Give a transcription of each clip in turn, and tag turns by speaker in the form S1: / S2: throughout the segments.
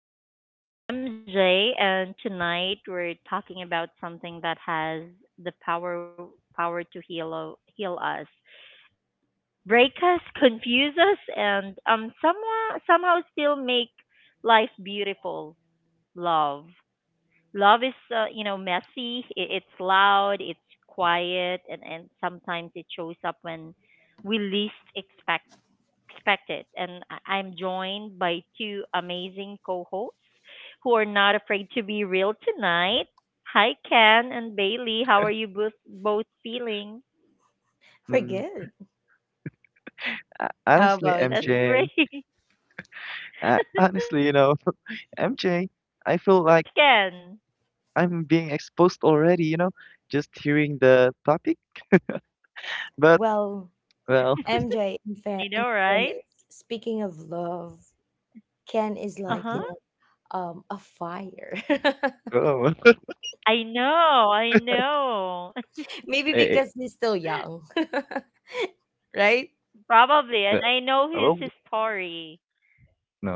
S1: I'm MJ, and tonight we're talking about something that has the power to heal us, break us, confuse us, and somehow still make life beautiful. Love, love is messy. It's loud. It's quiet, and sometimes it shows up when we least expected. I'm joined by two amazing co hosts who are not afraid to be real tonight. Hi, Ken and Bailey. How are you both feeling?
S2: We're
S3: Mm,
S2: good. How
S3: honestly,
S2: about
S1: That's
S2: you?
S3: MJ,
S1: great.
S3: uh, honestly, you know, MJ,
S1: Yeah.
S3: I feel
S1: Yes,
S3: like
S1: Ken.
S3: I'm being exposed already, you know, just hearing the topic. But
S2: Well,
S3: well,
S1: I know,
S2: MJ, in,
S1: right?
S2: fair, in fairness, speaking of love, Ken is
S1: Uh
S2: like,
S1: huh.
S2: you know, a fire.
S3: oh,
S1: I know. I know.
S2: Maybe
S3: eh, eh,
S2: because he's still young, right?
S1: Probably.
S3: well,
S1: And I know his
S3: oh,
S1: story.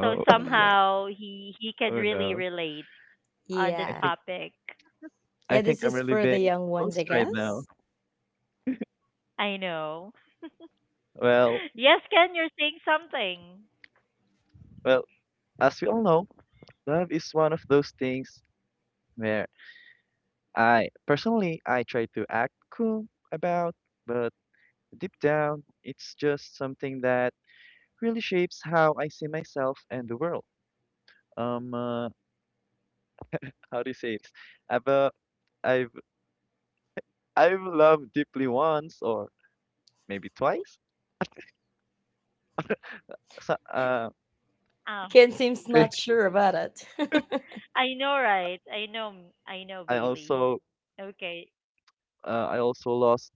S1: So
S2: Yeah.
S1: somehow he can
S3: oh
S1: really
S3: no.
S1: relate on the
S3: I
S2: Yeah.
S3: think
S1: topic.
S3: I
S2: Yeah, this
S3: think I'm
S2: is
S3: really
S2: for the
S3: being
S2: young ones, I
S3: exposed right now.
S2: guess.
S1: I know.
S3: Well,
S1: Yes, Ken, you're saying something.
S3: well, as we all know, love is one of those things where I try to act cool about, but deep down, it's just something that really shapes how I see myself and the world. Um, uh, how do you say this? I've uh, I've I've loved deeply once or maybe twice. So,
S1: Oh,
S2: Ken seems not sure about it.
S1: I know, right? I know,
S3: I
S1: Bailey.
S3: also
S1: Okay.
S3: I also lost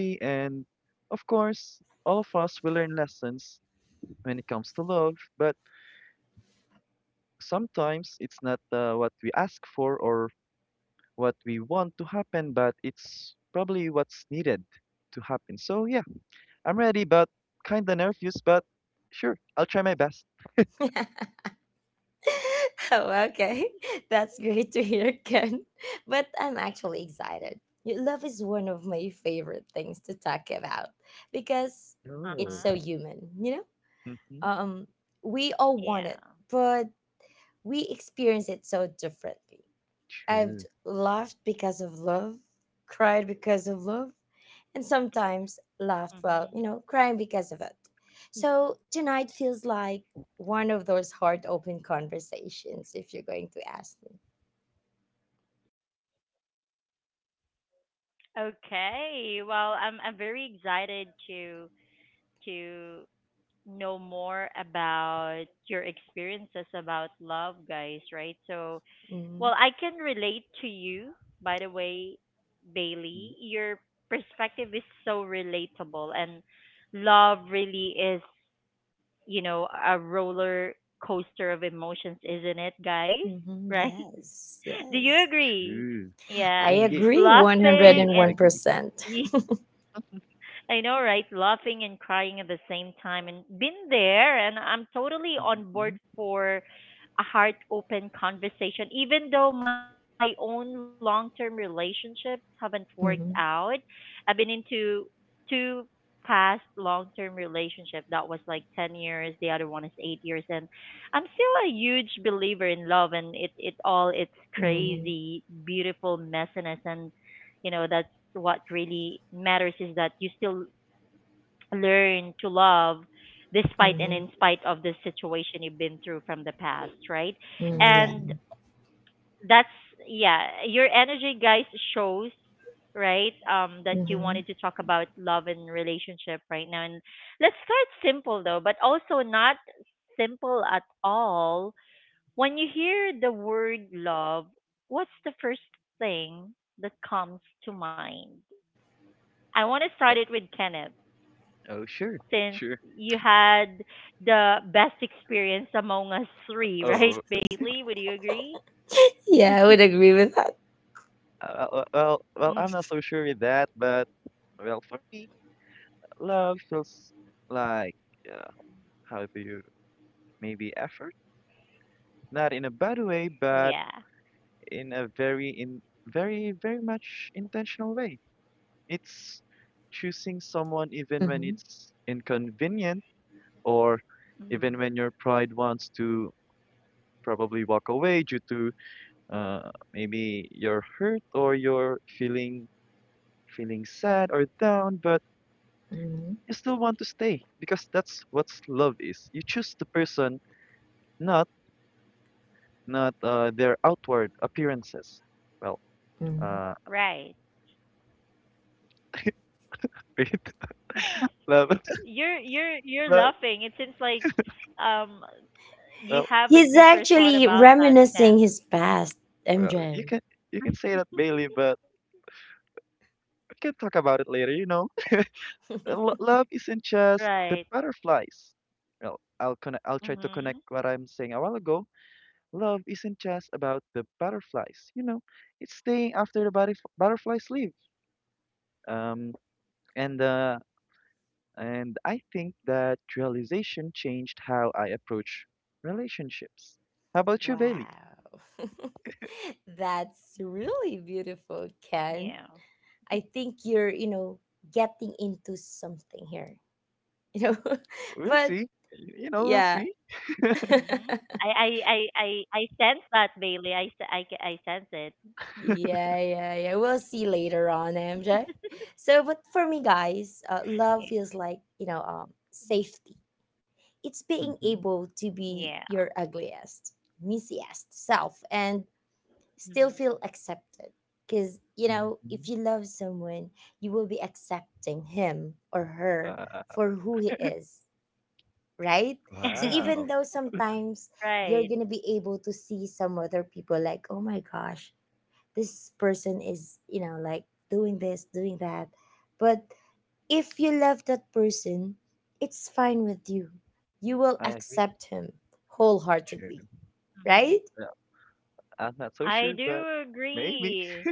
S1: Mm.
S3: and of course, all of us will learn lessons when it comes to love. But sometimes it's not what we ask for or what we want to happen, but it's probably what's needed to happen. So yeah, I'm ready, but kinda nervous, but sure, I'll try my best.
S2: Oh, okay. That's great to hear, Ken. But I'm actually excited. Love is one of my favorite things to talk about because it's
S3: Oh.
S2: so
S1: Uh huh.
S2: human, you know?
S3: Mhm.
S2: Um, we all want it,
S1: Yeah.
S2: but we experience it so differently. I've
S3: True.
S2: laughed because of love, cried because of love, and sometimes laughed while,
S1: Mhm.
S2: crying because of it. So tonight feels like one of those heart open conversations, if you're going to ask me.
S1: Okay. Well, I'm very excited to to know more about your experiences about love, guys. Right? So,
S2: Hmm
S1: well, I can relate to you. By the way,
S3: Mhm.
S1: Bailey, your perspective is so relatable, and love really is a roller coaster of emotions, isn't it, guys?
S2: hmm
S1: Right?
S2: Yes,
S1: Do you
S2: yes.
S1: agree?
S3: True.
S2: I
S1: Yeah.
S3: I indeed.
S2: agree
S3: Indeed,
S1: Laughing
S3: I
S1: and
S2: 101%.
S3: agree.
S2: percent
S1: I know, right? Laughing and crying at the same time, and been there, and I'm totally on board
S3: Mhm.
S1: for a heart open conversation. Even though my own long term relationships haven't worked
S2: Hmm
S1: out, I've been into two past long term relationship that was like 10 years, the other one is 8 years, and I'm still a huge believer in love, and it all it's
S2: hmm
S1: crazy beautiful messiness. And you know that what really matters is that you still learn to love despite and
S2: hmm
S1: in spite of the situation you've been through from the past, right?
S2: Mm, yeah.
S3: Mhm.
S1: And that's yeah, your energy guys shows right that you
S2: hmm
S1: wanted to talk about love and relationship right now. And let's start simple, though, but also not simple at all. When you hear the word love, what's the first thing that comes to mind? I want to start
S3: Eh,
S1: it with Kenneth,
S3: oh, sure.
S1: since
S3: Sure.
S1: you had the best experience among us three, right,
S3: Oh,
S1: Bailey? Would you agree?
S2: Yeah, I would agree with that.
S3: uh, well,
S1: Mm,
S3: I'm not so sure with that, but well, for me, love feels like, uh, how do you maybe effort? Not in a bad way, but
S1: yeah.
S3: in a very in very very much intentional way. It's choosing someone even when
S2: Hmm
S3: it's inconvenient or even when
S1: Mhm.
S3: your pride wants to probably walk away due to maybe you're hurt or you're feeling sad or down, but
S2: hmm
S3: you still want to stay because that's what love is. You choose the person, not not their outward appearances. Well, uh,
S2: hmm
S1: Right.
S3: wait, love,
S1: You're
S3: love.
S1: laughing. It seems like um you
S3: Well,
S1: have a
S2: He's
S1: deeper thought
S2: actually
S1: about that, Ken.
S2: reminiscing his past,
S3: well, you
S2: MJ.
S3: can say that, Bailey, but we can talk about it later. You know. Love isn't just the
S1: Right.
S3: butterflies. I'll try to connect
S1: Mhm.
S3: what I'm saying a while ago. Love isn't just about the butterflies. You know, it's staying after the butterflies leave. Um, and uh, and I think that realization changed how I approach relationships. How about you, Bailey?
S2: Wow. That's
S1: Yeah.
S2: really beautiful, Ken. I think you're, you know, getting into something here, you know.
S3: We'll
S2: But
S3: see. You know, we'll
S2: yeah.
S3: see.
S1: Mhm. I I
S2: Yeah,
S1: I I I sense that, Bailey. I s- I ca- I sense it. Mhm.
S2: yeah, yeah. We'll see later on, MJ. So, but for me, guys,
S1: Yeah.
S2: love feels like, you know,
S1: Mhm.
S2: safety. It's being
S3: Mm-hmm.
S2: able to be
S1: Yeah.
S2: your ugliest, missiest self and still
S1: Mhm.
S2: feel accepted, because you know
S3: Mm-hmm.
S2: if you love someone you will be accepting him or her
S3: Uh,
S2: for who he is, right? So even
S3: wow,
S2: though sometimes you're
S1: Right.
S2: gonna be able to see some other people like, oh my gosh, this person is, you know, like doing this, doing that, but if you love that person, it's fine with you. You will
S3: I agree.
S2: accept him
S3: Sure.
S2: wholeheartedly,
S1: Mhm.
S2: right?
S3: Well, I'm not so
S1: I
S3: sure, but
S1: do
S3: maybe.
S1: agree.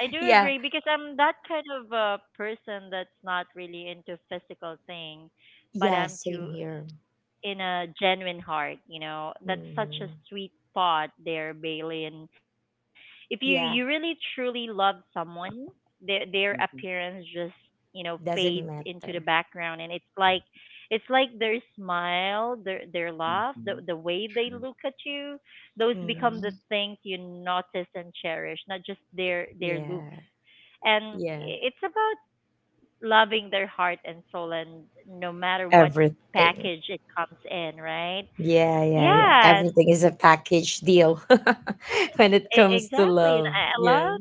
S1: I do
S2: Yeah,
S1: agree because I'm that kind of a person that's not really into physical thing, but
S2: yeah,
S1: I'm
S2: same
S1: too
S2: here.
S1: in a genuine heart. You know, that's such a
S2: Mhm.
S1: sweet spot there, Bailey. And if you really
S2: Yeah,
S1: truly love someone, their appearance just fades
S2: doesn't
S1: into the
S2: matter.
S1: background, and it's like their smile, their laugh, the
S3: Mhm.
S1: the way they
S3: True.
S1: look at you. Those become the
S2: Hmm
S3: Yes.
S1: things you notice and cherish, not just their looks.
S2: Yeah,
S1: And
S2: yeah,
S1: it's about loving their heart and soul, and no matter what
S2: everything.
S1: package it comes in, right?
S2: Yeah, yeah, yeah.
S3: Um,
S1: Yeah.
S2: Everything is a package deal when it comes to
S1: Exactly, and
S2: love, you know?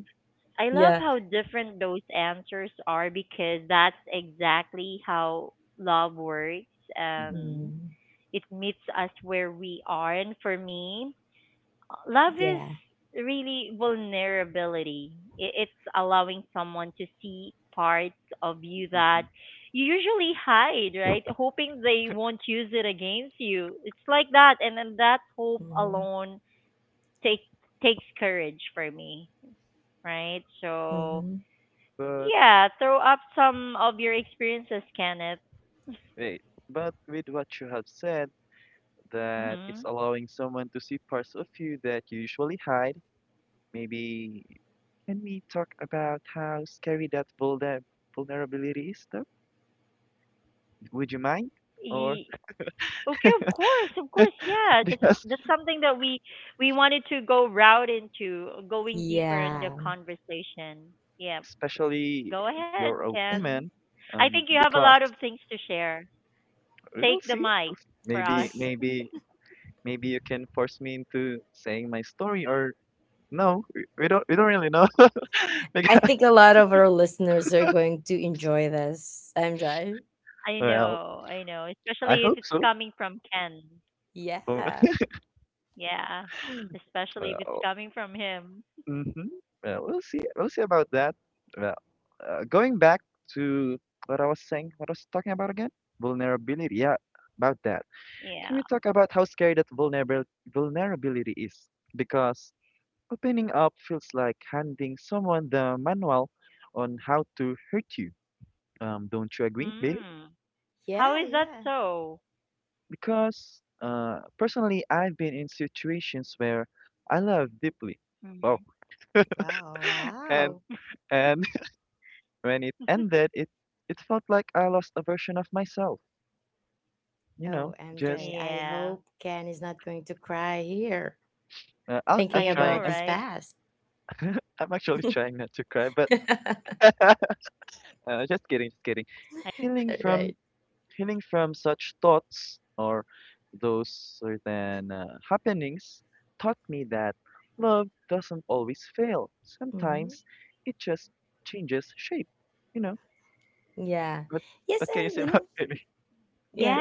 S1: I love
S2: Yeah.
S1: how different those answers are, because that's exactly how love works. um
S3: mhm.
S2: hmm
S1: it meets us where we are, and for me, love is
S2: Yeah.
S1: really vulnerability. It's allowing someone to see parts of you that
S3: Mhm.
S1: you usually hide, right? Hoping they won't use it against you. It's like that, and then that hope
S2: hmm
S1: alone takes takes courage for me, right? So
S2: hmm
S3: But
S1: yeah, throw up some of your experiences, Kenneth.
S3: wait, but with what you have said, that it's
S1: Mm-hmm.
S3: allowing someone to see parts of you that you usually hide, maybe can we talk about how scary that vulnerability is, though? Would you mind? Or
S1: Okay, of course, yeah. That's
S3: because
S1: that's something that we wanted to go route into, going deeper in
S2: Yeah.
S1: the conversation. Yeah,
S3: especially
S1: go
S3: if
S1: ahead,
S3: you're a
S1: Ken.
S3: woman,
S1: I think you have a lot
S3: because
S1: of things to share. Take
S3: we'll
S1: the
S3: see,
S1: mic
S3: we'll see.
S1: for us.
S3: Maybe, maybe, maybe you can force me into saying my story, or no, we don't really know.
S2: I
S3: Because,
S2: think a lot of our listeners are going to enjoy this, MJ.
S3: well,
S1: I know,
S3: I
S1: especially if
S3: hope
S1: it's
S3: so.
S1: coming from Ken.
S3: Oh,
S2: Yeah.
S1: Yeah, especially if it's
S3: well,
S1: coming from him.
S3: mm-hmm. Well, we'll see. We'll see about that. Well, going back to what I was saying, what I was talking about again, vulnerability. Yeah, about that. Can we
S1: Yeah.
S3: talk about how scary that vulnerability is? Because opening up feels like handing someone the manual on how to hurt you. Don't you agree, Bailey?
S1: Mm. How
S2: Yeah,
S1: is that
S2: yeah.
S1: so?
S3: Because personally, I've been in situations where I love deeply.
S1: Hmm.
S3: Wow.
S2: Wow,
S3: And
S2: wow.
S3: and when it ended, it felt like I lost a version of myself. You
S2: Oh,
S3: know, just
S2: MJ, I
S1: Yeah,
S2: hope Ken is not going to cry here.
S1: I
S3: I'm
S2: Thinking
S1: know,
S3: trying.
S2: about his
S1: right?
S2: past.
S3: I'm actually trying
S1: I
S3: not to cry, but
S1: know.
S3: just kidding, just kidding. Healing from
S2: Right.
S3: Healing from such thoughts or those certain happenings taught me that love doesn't always fail.
S2: hmm
S3: Sometimes it just changes shape. You know,
S2: Yeah.
S3: what,
S2: Yes,
S3: what can you
S2: and
S3: say
S2: you
S3: about
S2: know,
S3: it, baby?
S1: Yeah, and
S2: yeah.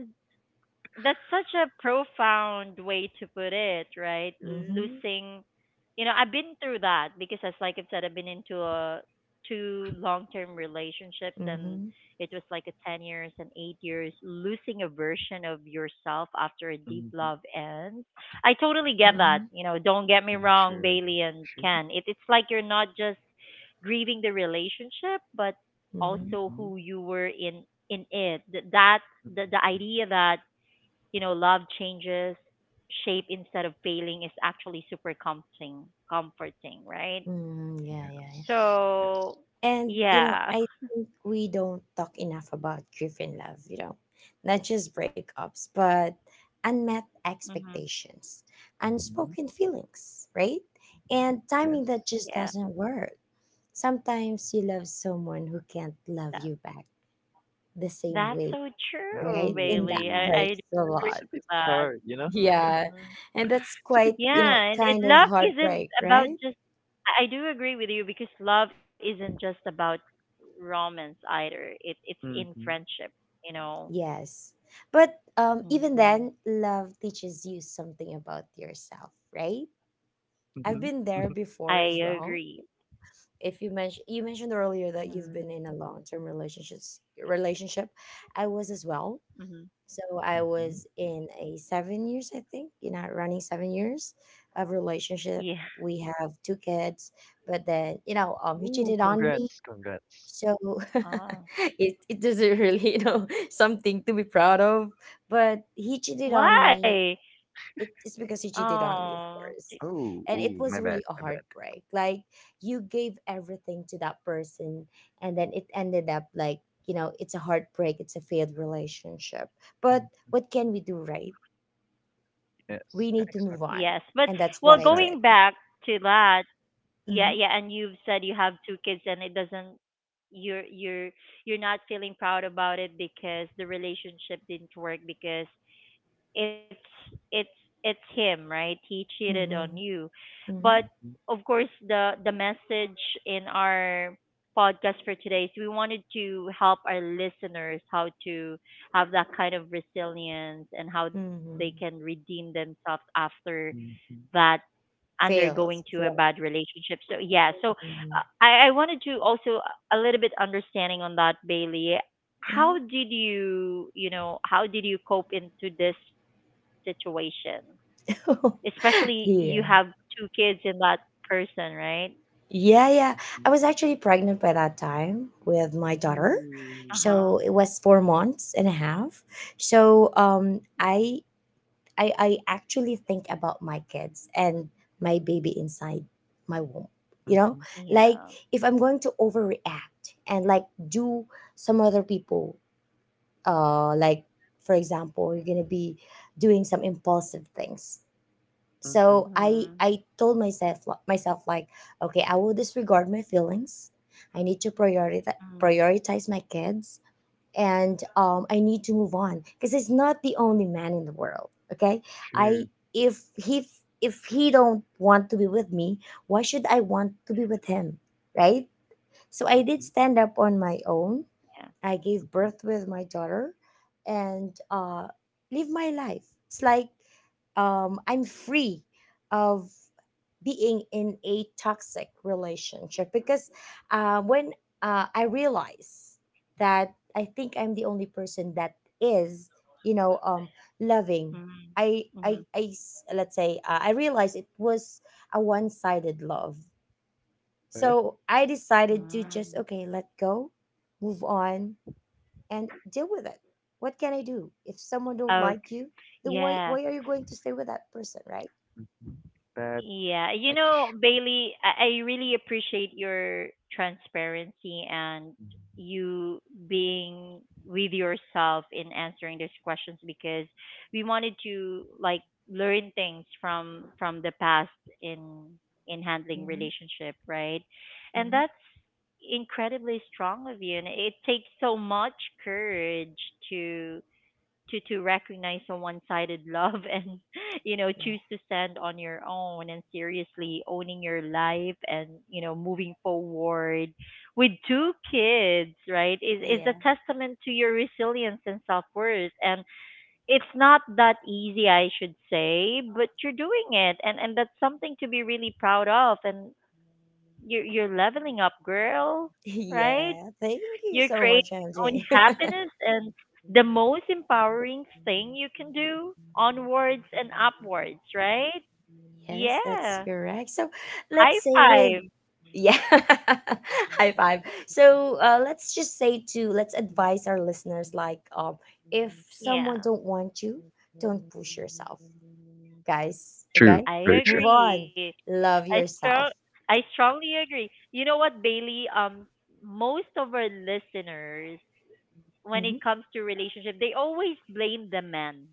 S1: that's such a profound way to put it, right? Losing,
S2: Mm-hmm.
S1: you know, I've been through that, because as like I've said, I've been into a two long term relationships, and
S2: Mm-hmm.
S1: it was like a 10 years and 8 years. Losing a version of yourself after a deep
S3: Mm-hmm.
S1: love ends, I totally get that,
S2: Mm-hmm.
S1: you know. Don't get me wrong,
S3: Sure.
S1: Bailey and
S3: Sure.
S1: Ken. It's like you're not just grieving the relationship but
S2: Mm-hmm.
S1: also
S3: Mm-hmm.
S1: who you were in it. Th- that The
S3: Mm-hmm.
S1: idea that, you know, love changes shape instead of failing is actually super comforting, right?
S2: Mm-hmm. Yeah, yeah, yeah.
S3: Yes.
S1: So,
S3: Yes.
S2: And you know,
S1: yeah.
S2: I think we don't talk enough about grief and love, you know. Not just breakups, but unmet
S1: Hmm.
S2: expectations,
S3: Mm-hmm.
S2: unspoken feelings, right? And timing that
S3: Yes.
S2: just
S1: Yeah,
S2: doesn't work. Sometimes you love someone who can't love
S1: that,
S2: you back the same
S1: that's
S2: way,
S1: so true,
S2: right? And that
S1: Bailey.
S3: Ooh.
S1: I
S2: hurts
S1: do
S2: a
S1: agree
S3: It's
S2: lot.
S3: a bit
S1: with that.
S3: hard, you know?
S2: Yeah.
S1: Hmm.
S2: And that's
S3: It's a bit
S2: quite, you
S3: deep.
S1: Yeah,
S2: know,
S1: and
S2: kind of
S1: love isn't
S2: heartbreak,
S1: about
S2: right?
S1: just, I do agree with you because love isn't just about romance either. It It's in
S3: Mm-hmm.
S1: friendship, you know.
S2: Yes. But
S1: Mm.
S2: even then, love teaches you something about yourself, right? I've
S3: Mm-hmm.
S2: been there
S3: Mm-hmm.
S1: I
S2: before as
S1: agree.
S2: well. If you mentioned earlier that
S1: Mm-hmm.
S2: you've been in a long term relationship, I was as well.
S1: Mm-hmm.
S2: So I
S3: Mm-hmm.
S2: was in a 7 years, I think, you know, running 7 years of relationship.
S1: Yeah.
S2: We have two kids, but then, you know, he
S3: Ooh,
S2: cheated on me.
S3: congrats, congrats.
S2: So
S1: Oh,
S2: it doesn't really, you know, something to be proud of. But he cheated on me,
S1: why?
S2: it's because he cheated on me, of
S1: Oh,
S2: course.
S3: Oh,
S2: And it
S3: oh,
S2: was
S3: my bad,
S2: really a
S3: my bad.
S2: heartbreak. Like you gave everything to that person and then it ended up like, you know, it's a heartbreak, it's a failed relationship. But
S3: Mm,
S2: what can we do, right?
S3: yes,
S2: We need to
S1: yes.
S2: move
S1: But
S3: exactly,
S2: on.
S1: well,
S2: And that's
S1: going
S2: what I
S1: back
S2: did.
S3: exactly.
S1: to that, yeah, yeah.
S2: Mm-hmm.
S1: And you've said you have two kids, and it doesn't. You're you're you're not feeling proud about it because the relationship didn't work because it's it's it's him, right? He cheated on
S2: Mm-hmm.
S1: you. But
S2: Mm-hmm.
S3: Mhm,
S1: of course the message in our podcast for today is we wanted to help our listeners how to have that kind of resilience and how they can
S2: Mm-hmm.
S1: redeem themselves after
S3: mhm,
S1: that under going
S2: Fails.
S1: to a
S2: Fail.
S1: bad relationship. So yeah, so
S2: Mm-hmm.
S1: I wanted to also a little bit understanding on that, Bailey. How did you, you know, how did you cope into this situation?
S2: Mm-hmm.
S1: Especially you have two
S2: yeah.
S1: kids in that person, right?
S2: Yeah, yeah.
S3: mhm.
S2: I was actually pregnant by that time with my daughter.
S1: Uh
S3: Ooh,
S1: huh.
S2: So it was four
S1: Mhm.
S2: months and a half. So I actually think about my kids and my baby inside my womb. You know?
S3: mhm,
S2: Like
S1: Yeah.
S2: if I'm going to overreact and like do some other people like, for example, you're gonna be doing some impulsive things,
S3: mhm.
S2: so i
S1: Mhm.
S2: i told myself like, okay, I will disregard my feelings, I need to prioritize
S1: Mhm.
S2: prioritize my kids, and I need to move on because he's not the only man in the world. Okay, I
S3: True.
S2: if he, if he don't want to be with me, why should I want to be with him, right? So I did
S3: Mhm,
S2: stand up on my
S1: Yeah.
S2: own. I gave
S3: mhm.
S2: birth with my daughter and live my life. It's like, I'm free of being in a toxic relationship, because when I realize that I think I'm the only person that is, you know, loving.
S1: Mhm. Mhm.
S2: Let's say I realized it was a one-sided love.
S3: Huh?
S2: So I decided to
S1: Mm.
S2: just, okay, let go, move on, and deal with it. What can I do? If someone don't
S1: Okay.
S2: like you, then why
S1: Yeah.
S2: why are you going to stay with that person, right?
S3: Mhm. That
S1: Yeah, you know,
S3: actually
S1: Bailey, I really appreciate your transparency and you being with yourself in answering these questions, because we wanted to like learn things from the past in in handling
S2: hmm
S1: relationship, right? And
S2: hmm
S1: that's incredibly strong of you, and it takes so much courage to to recognize a one-sided love and you know
S2: Yeah,
S1: choose to stand on your own and seriously owning your life and you know moving forward with two kids, right, is a
S2: yeah,
S1: testament to your resilience and self-worth. And it's not that easy, I should say, but you're doing it, and that's something to be really proud of, and you're leveling up, girl, right?
S2: yeah. Thank you
S1: You
S2: so much,
S1: create your
S2: MJ.
S1: own happiness, and the most empowering thing you can do, onwards and upwards, right?
S2: Yes, that's
S1: Yeah.
S2: correct. So
S1: High
S2: let's say with
S1: five.
S2: yeah, high five. So let's just say to, let's advise our listeners like, if someone
S1: Yeah.
S2: don't want you, don't push yourself, guys.
S3: True,
S2: Okay,
S1: I
S3: very true.
S2: move on.
S1: agree.
S2: Love
S1: I
S2: yourself.
S1: strong I strongly agree. You know what, Bailey? Most of our listeners, when
S2: Mm-hmm.
S1: it comes to relationship, they always blame the man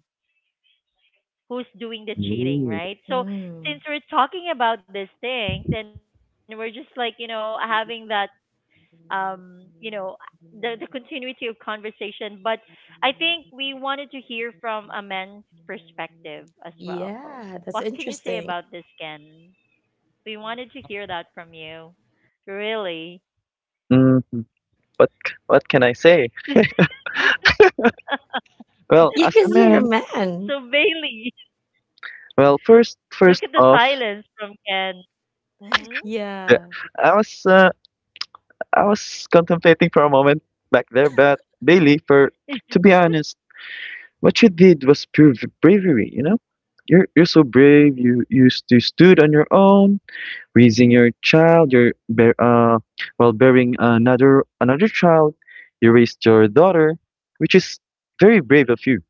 S1: who's doing the cheating,
S3: Ooh.
S1: right? So since
S2: Mm.
S1: we're talking about these things and we're just like, you know, having that you know, the continuity of conversation. But I think we wanted to hear from a man's perspective as well. What
S2: Yeah,
S1: can
S2: that's
S1: you say about this,
S2: interesting.
S1: Ken? We wanted to hear that from you, really.
S3: hmm What what can I say? Well,
S2: Yeah,
S3: as a
S2: because you're a
S3: man,
S2: man.
S1: So Bailey,
S3: first
S1: look
S3: first
S1: at the
S3: off,
S1: silence from Ken. Hmm.
S3: the-
S2: Yeah.
S3: I was uh, I was contemplating for a moment back there, but Bailey, for to be honest, what you did was pure bravery, you know? You're so brave. You stood on your own, raising your child. While bearing another child, you raised your daughter, which is very brave of you.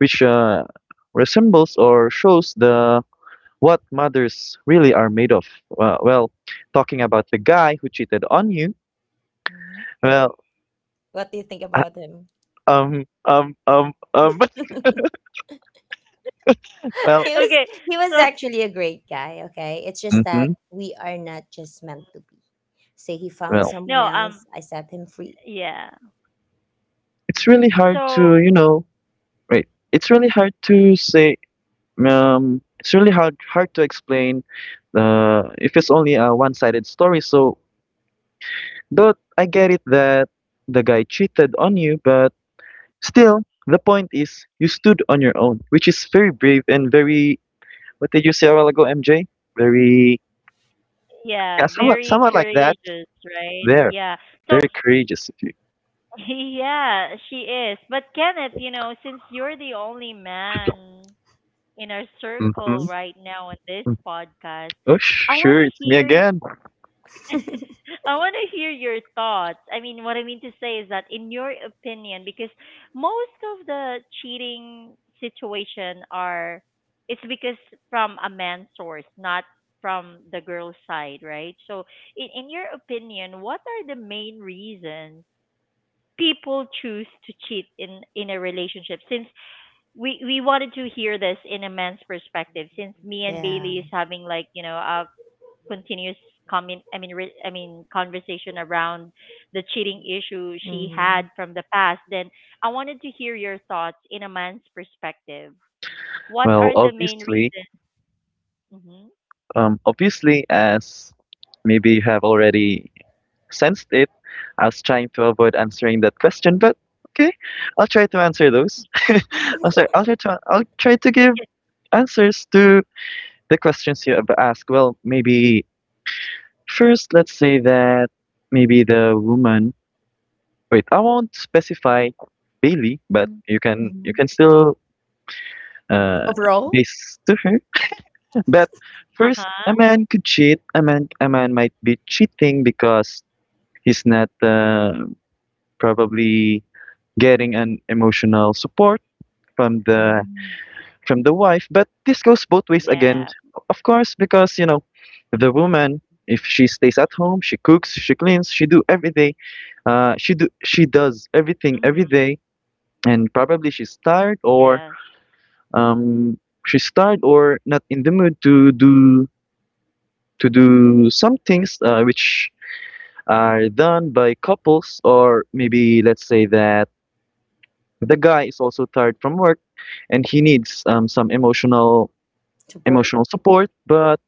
S3: Which resembles or shows the what mothers really are made of. Uh, well, Talking about the guy who cheated on you.
S2: Mhm.
S3: Well,
S2: What do you think
S3: uh,
S2: about him?
S3: um um um um. well,
S2: He was,
S1: Okay,
S2: he was
S1: so
S2: actually a great guy, okay, it's just that
S3: hmm
S2: we are not just meant to be. Say he found
S3: well,
S2: someone
S1: no,
S2: else, I set him free.
S1: yeah.
S3: it's really hard to you
S1: So
S3: know right. It's really hard to say. It's really hard to explain. If it's only a one-sided story. So, but I get it that the guy cheated on you, but still, the point is you stood on your own, which is very brave and very. What did you say a while ago, MJ? Very. Yeah,
S1: yeah,
S3: somewhat,
S1: very
S3: somewhat like that.
S1: courageous, right?
S3: There,
S1: Yeah. So
S3: very courageous.
S1: Yeah, she is. But Kenneth, you know, since you're the only man in our
S3: Mm-hmm.
S1: circle right now on this podcast,
S3: Oh,
S1: I want
S3: sure,
S1: to
S3: it's me
S1: hear y-
S3: again.
S1: I want to hear your thoughts. I mean, what I mean to say is that in your opinion, because most of the cheating situation are it's because from a man's source, not from the girl's side, right? So in your opinion, what are the main reasons people choose to cheat in a relationship since we wanted to hear this in a man's perspective, since me and Bailey is
S2: yeah
S1: having like you know a continuous comment I mean re, conversation around the cheating issue she
S2: mm-hmm.
S1: had from the past. Then I wanted to hear your thoughts in a man's perspective. What
S3: Well,
S1: are the main
S3: obviously,
S1: reasons? Mm-hmm.
S3: obviously, as maybe you have already sensed it. I was trying to avoid answering that question, but okay, I'll try to answer those. I'll try to give answers to the questions you have asked. Well, maybe first, let's say that maybe the woman. Wait, I won't specify Bailey, but you can
S2: Mm-hmm.
S3: still uh
S2: Overall.
S3: base to her. But first, a
S1: Uh-huh.
S3: man could cheat. A man might be cheating because he's not probably getting an emotional support from the
S2: Mhm.
S3: from the wife. But this goes both ways again,
S1: Yeah.
S3: of course, because you know, the woman if she stays at home, she cooks, she cleans, she do every day. She does everything
S1: Mm-hmm.
S3: every day, and probably
S1: Yes.
S3: um she's tired or not in the mood to do some things which are done by couples or maybe let's say that the guy is also tired from work and he needs some
S2: Support.
S3: emotional support. But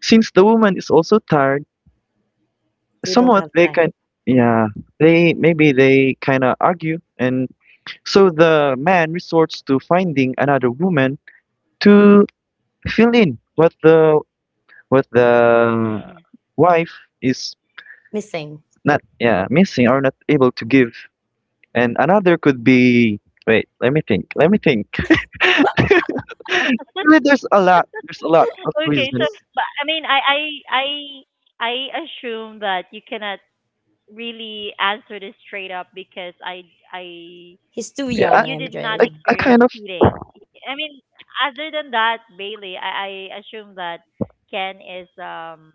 S3: since the woman is also tired,
S2: They don't
S3: somewhat
S2: have
S3: they
S2: time.
S3: can yeah they maybe they kind of argue, and so the man resorts to finding another woman to fill in what the what the wife is
S2: Missing.
S3: not yeah missing or not able to give, and another could be wait let me think let me think. Actually, there's a lot. There's a lot
S1: Okay, so
S3: of
S1: but
S3: reasons.
S1: I mean, I I assume that you cannot really answer this straight up, because I
S2: He's too
S3: Yeah,
S2: young,
S1: you did not
S2: MJ.
S3: I
S1: experience
S3: kind of
S1: cheating. I mean, other than that, Bailey, I assume that Ken is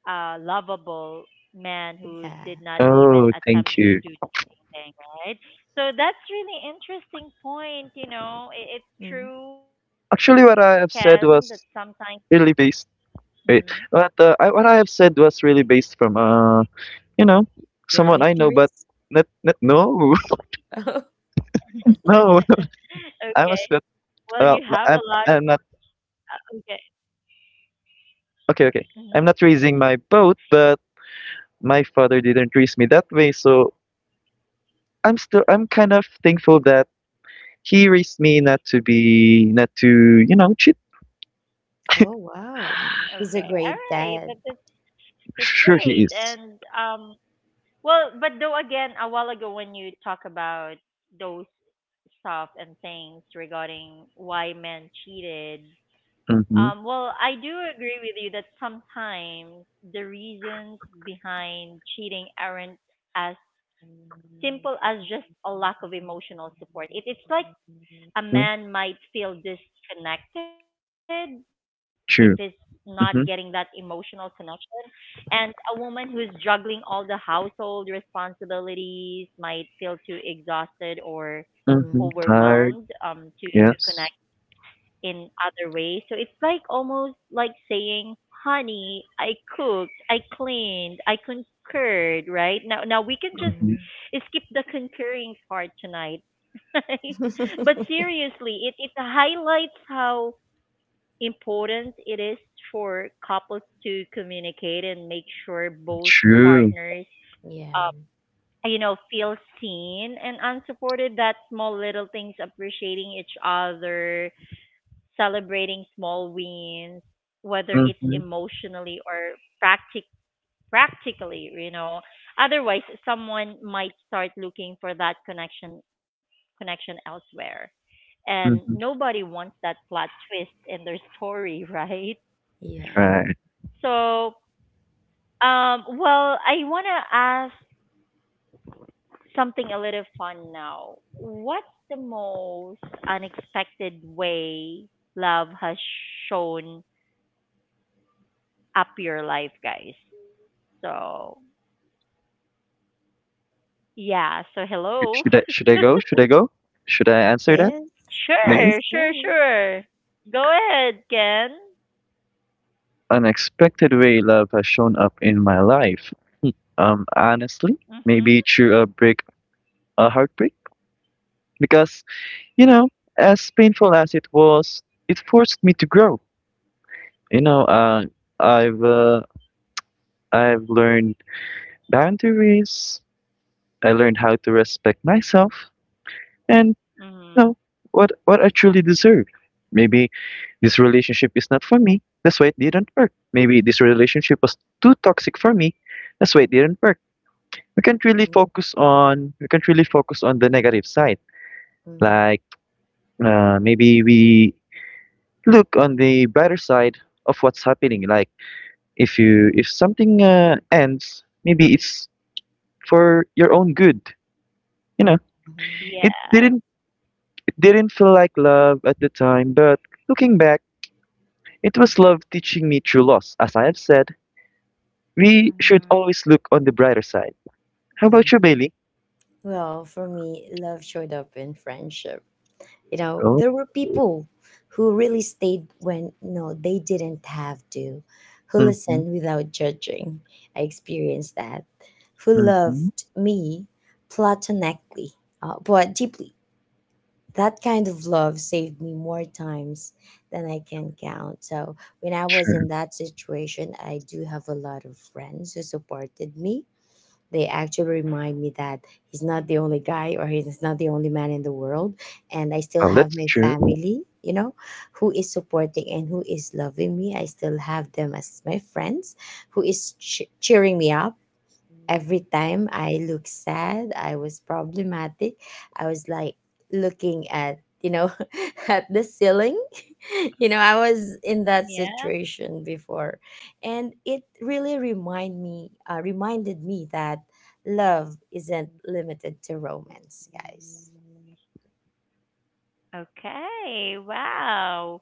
S1: a lovable man who did
S2: Yeah.
S1: not even
S3: oh, thank
S1: attempt to
S3: you.
S1: do cheating thing, right? So that's really interesting point. You know, it's
S2: Mm.
S1: true,
S3: Actually, what
S1: Ken,
S3: I
S1: that
S3: have said
S1: sometimes.
S3: was really based.
S1: Mhm.
S3: Wait, what I have said was really based from you know,
S2: Your own
S3: someone I know, but
S2: experience?
S3: not no no. I
S1: Okay.
S3: was not.
S1: Well, you
S3: Well,
S1: have a
S3: I'm
S1: lot.
S3: I'm not
S1: Okay.
S3: okay. Okay, I'm
S1: Hmm.
S3: not raising my boat, but my father didn't raise me that way, so I'm kind of thankful that he raised me not to be not to you know cheat.
S2: Oh. Wow. He's a
S1: Okay. All
S2: great
S1: right.
S2: dad.
S1: But that's
S3: Sure, he
S1: great.
S3: is.
S1: And well, but though again, a while ago when you talk about those stuff and things regarding why men cheated,
S3: Mm-hmm.
S1: well, I do agree with you that sometimes the reasons behind cheating aren't as simple as just a lack of emotional support. It's like a
S3: Mm-hmm,
S1: man might feel disconnected if it's not
S3: true.
S1: getting that
S3: Mm-hmm.
S1: emotional connection. And a woman who's juggling all the household responsibilities might feel too exhausted or
S2: Hmm
S1: overwhelmed
S3: Mm-hmm.
S1: to connect
S3: Yes.
S1: in other ways. So it's like almost like saying, "Honey, I cooked, I cleaned, I concurred." Right now we can just
S3: Mhm.
S2: mm
S1: skip the concurring part tonight. But seriously, it highlights how important it is for couples to communicate and make sure both
S3: True.
S1: partners
S2: yeah.
S1: um, feel seen and unsupported. That small little things, appreciating each other, celebrating small wins, whether it's
S3: Mhm,
S1: emotionally or practic- practically, you know. Otherwise, someone might start looking for that connection elsewhere. And
S3: mhm.
S1: nobody wants that plot twist in their story, right?
S2: Yeah.
S3: Right.
S1: So, I want to ask something a little fun now. What's the most unexpected way love has shown up your life, guys? So, yeah, so hello.
S3: Should I go? Should I go? Should I answer that?
S2: Yes.
S3: Maybe?
S1: Sure,
S2: Yes,
S1: sure,
S2: can.
S1: sure. Go ahead, Ken.
S3: Unexpected way love has shown up in my life. Hmm. Honestly,
S1: Mhm.
S3: maybe through a break, a heartbreak, because you know, as painful as it was, it forced me to grow. You know, I've uh, I've learned boundaries. I learned how to respect myself, and no,
S1: Mhm.
S3: what I truly deserve. Maybe this relationship is not for me. That's why it didn't work. Maybe this relationship was too toxic for me. That's why it didn't work.
S2: Mhm,
S3: We can't really focus on the negative side.
S2: mhm,
S3: Like maybe we look on the brighter side of what's happening. Like if you if something ends, maybe it's for your own good. You know,
S2: mhm,
S3: it didn't
S1: Yes.
S3: it didn't feel like love at the time, but looking back it was love teaching me true loss. As I have said, we should always
S1: Mhm.
S3: look on the brighter side. How
S2: mhm.
S3: about you, Bailey?
S2: Well, for me, love showed up in friendship. You know,
S3: Oh,
S2: there were people who really stayed when, you know, they didn't have to, who
S3: mm-hmm,
S2: listened without judging. I experienced that. Who
S3: mm-hmm,
S2: loved me platonically, but deeply. That kind of love saved me more times than I can count. So when I was
S3: sure.
S2: in that situation, I do have a lot of friends who supported me. They actually remind me that he's not the
S1: Mhm.
S2: only guy or he's not the only man in the world, and I still
S3: Oh,
S2: have
S3: that's
S2: my
S3: true.
S2: family, you know, who is supporting and who is loving me. I still have them as my friends who is cheering me up. Every time I look sad, I was problematic. I was like looking at, you know, at the ceiling. you know, I was in that
S1: Yeah.
S2: situation before. And it really reminded me that love isn't limited to romance, guys.
S1: Okay. Wow.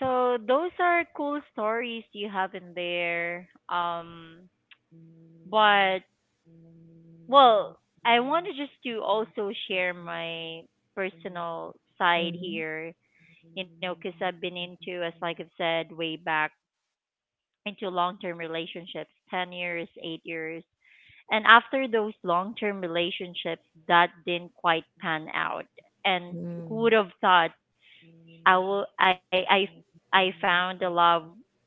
S1: So those are cool stories you have in there. But well, I wanted just to also share my personal side
S2: Mhm,
S1: here, you know, because I've been into, as like I've said way back into long term relationships 10 years, 8 years. And after those long term relationships, that didn't quite pan out. And who
S2: mhm,
S1: would have thought I, will, I found a love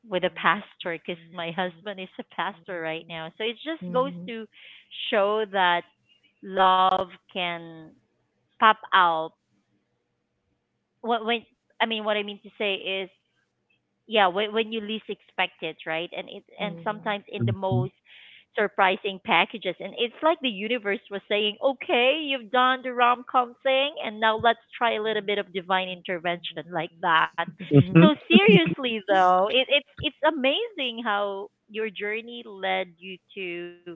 S1: with a pastor because my husband is a pastor right now. So it just goes
S2: mhm,
S1: to show that love can pop out. What when what I mean to say is yeah when you least expect it, right? And it and
S2: mhm.
S1: sometimes in the
S3: Mm-hmm,
S1: most surprising packages, and it's like the universe was saying, okay, you've done the rom-com thing and now let's try a little bit of divine intervention like that.
S3: mm-hmm,
S1: So seriously though, it's amazing how your journey led you to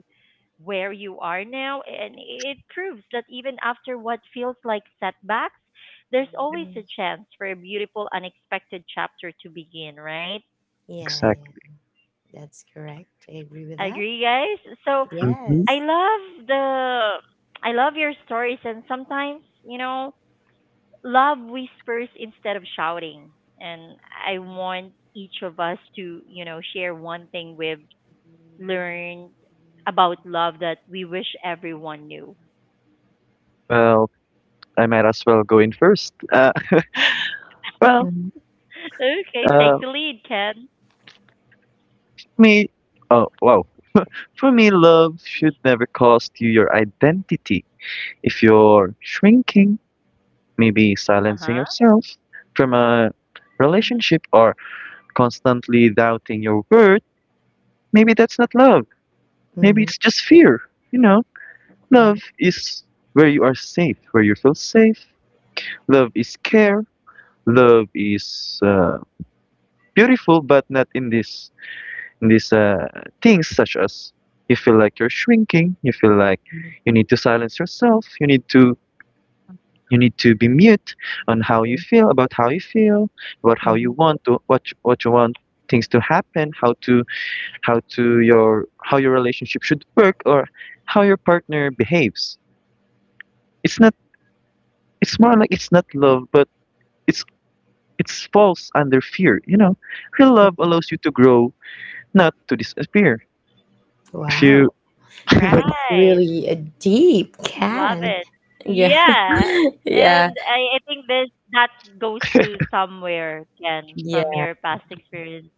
S1: where you are now, and it proves that even after what feels like setbacks, there's always
S2: Mhm.
S1: a chance for a beautiful, unexpected chapter to begin, right?
S2: Yeah, yeah,
S3: exactly.
S2: that's correct. I
S1: Agree,
S2: agree with
S1: guys?
S2: that.
S1: I
S3: Mm-hmm.
S2: Yes.
S1: love the, I love your stories, and sometimes, you know, love whispers instead of shouting. And I want each of us to, you know, share one thing we've learned about love that we wish everyone knew.
S3: Well, I might as well go in first. Well,
S2: Mhm,
S1: Okay,
S3: uh,
S1: take the lead, Ken.
S3: me. Oh, wow. For me, love should never cost you your identity. If you're shrinking, maybe
S1: Uh
S3: silencing
S1: huh.
S3: yourself from a relationship, or constantly doubting your worth maybe that's not love. Maybe
S2: mhm,
S3: it's just fear. You know, love is where you are safe, where you feel safe. Love is care. Love is beautiful, but not in this in these things such as you feel like you're shrinking. You feel like
S2: mhm,
S3: you need to silence yourself. You need to be mute on how you
S2: mhm,
S3: feel about how you feel, about how you
S2: mhm,
S3: want to what you want things to happen, how to your how your relationship should work or how your partner behaves. It's not it's more like it's not love, but it's it's falls under fear. You know, real love
S2: mhm.
S3: allows you to grow, not to disappear. If you
S2: Wow. That's
S1: Right.
S2: really a deep
S1: Love
S2: can.
S1: it.
S2: Yeah.
S1: Yeah.
S2: yeah.
S1: And I think this that goes to somewhere, Ken, from
S2: Yeah.
S1: your past experience.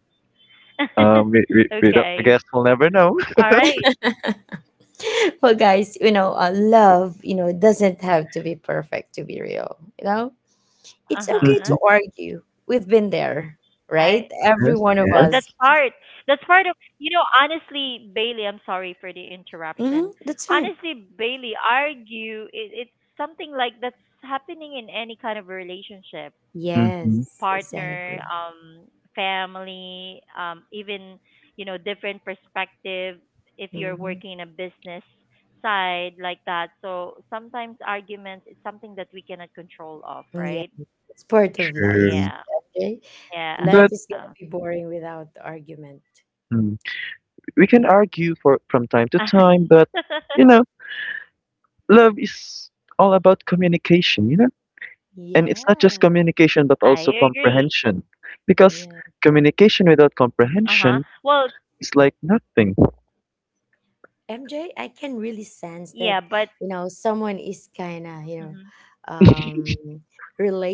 S3: We don't, I
S1: Okay.
S3: guess we'll never know.
S1: All right.
S2: Well, guys, you know, love, you know, doesn't have to be perfect to be real. You know, it's okay to
S3: Mhm.
S1: Uh-huh.
S2: argue. We've been there, right?
S1: I
S2: Every
S3: Yes,
S2: one of
S1: well
S3: yes.
S2: us.
S1: that's part. That's part of, you know, honestly, Bailey, I'm sorry for the
S2: Hmm
S1: interruption.
S2: That's fine.
S1: Honestly, Bailey, argue, it's something like that's happening in any kind of relationship.
S3: Mm-hmm.
S2: Yes,
S1: Partner,
S2: exactly.
S1: family, even you know different perspective if you're
S2: hmm
S1: working in a business side like that. So sometimes arguments it's something that we cannot control of,
S2: Yeah,
S1: right?
S2: it's part of
S3: True.
S2: life.
S1: Yeah,
S2: Okay, life
S1: yeah.
S3: But
S2: is gonna be boring without argument.
S3: mm, we can argue for from time to time, but you know, love is all about communication. You know. And it's not just
S2: Yeah,
S3: communication,
S1: I
S3: but also
S1: agree.
S3: comprehension. Because
S2: yeah.
S3: communication
S1: Uh
S3: without
S1: huh. Well,
S3: comprehension is like nothing.
S2: MJ, I can really sense
S1: yeah,
S2: that,
S1: but
S2: you know, someone is kind of, you know,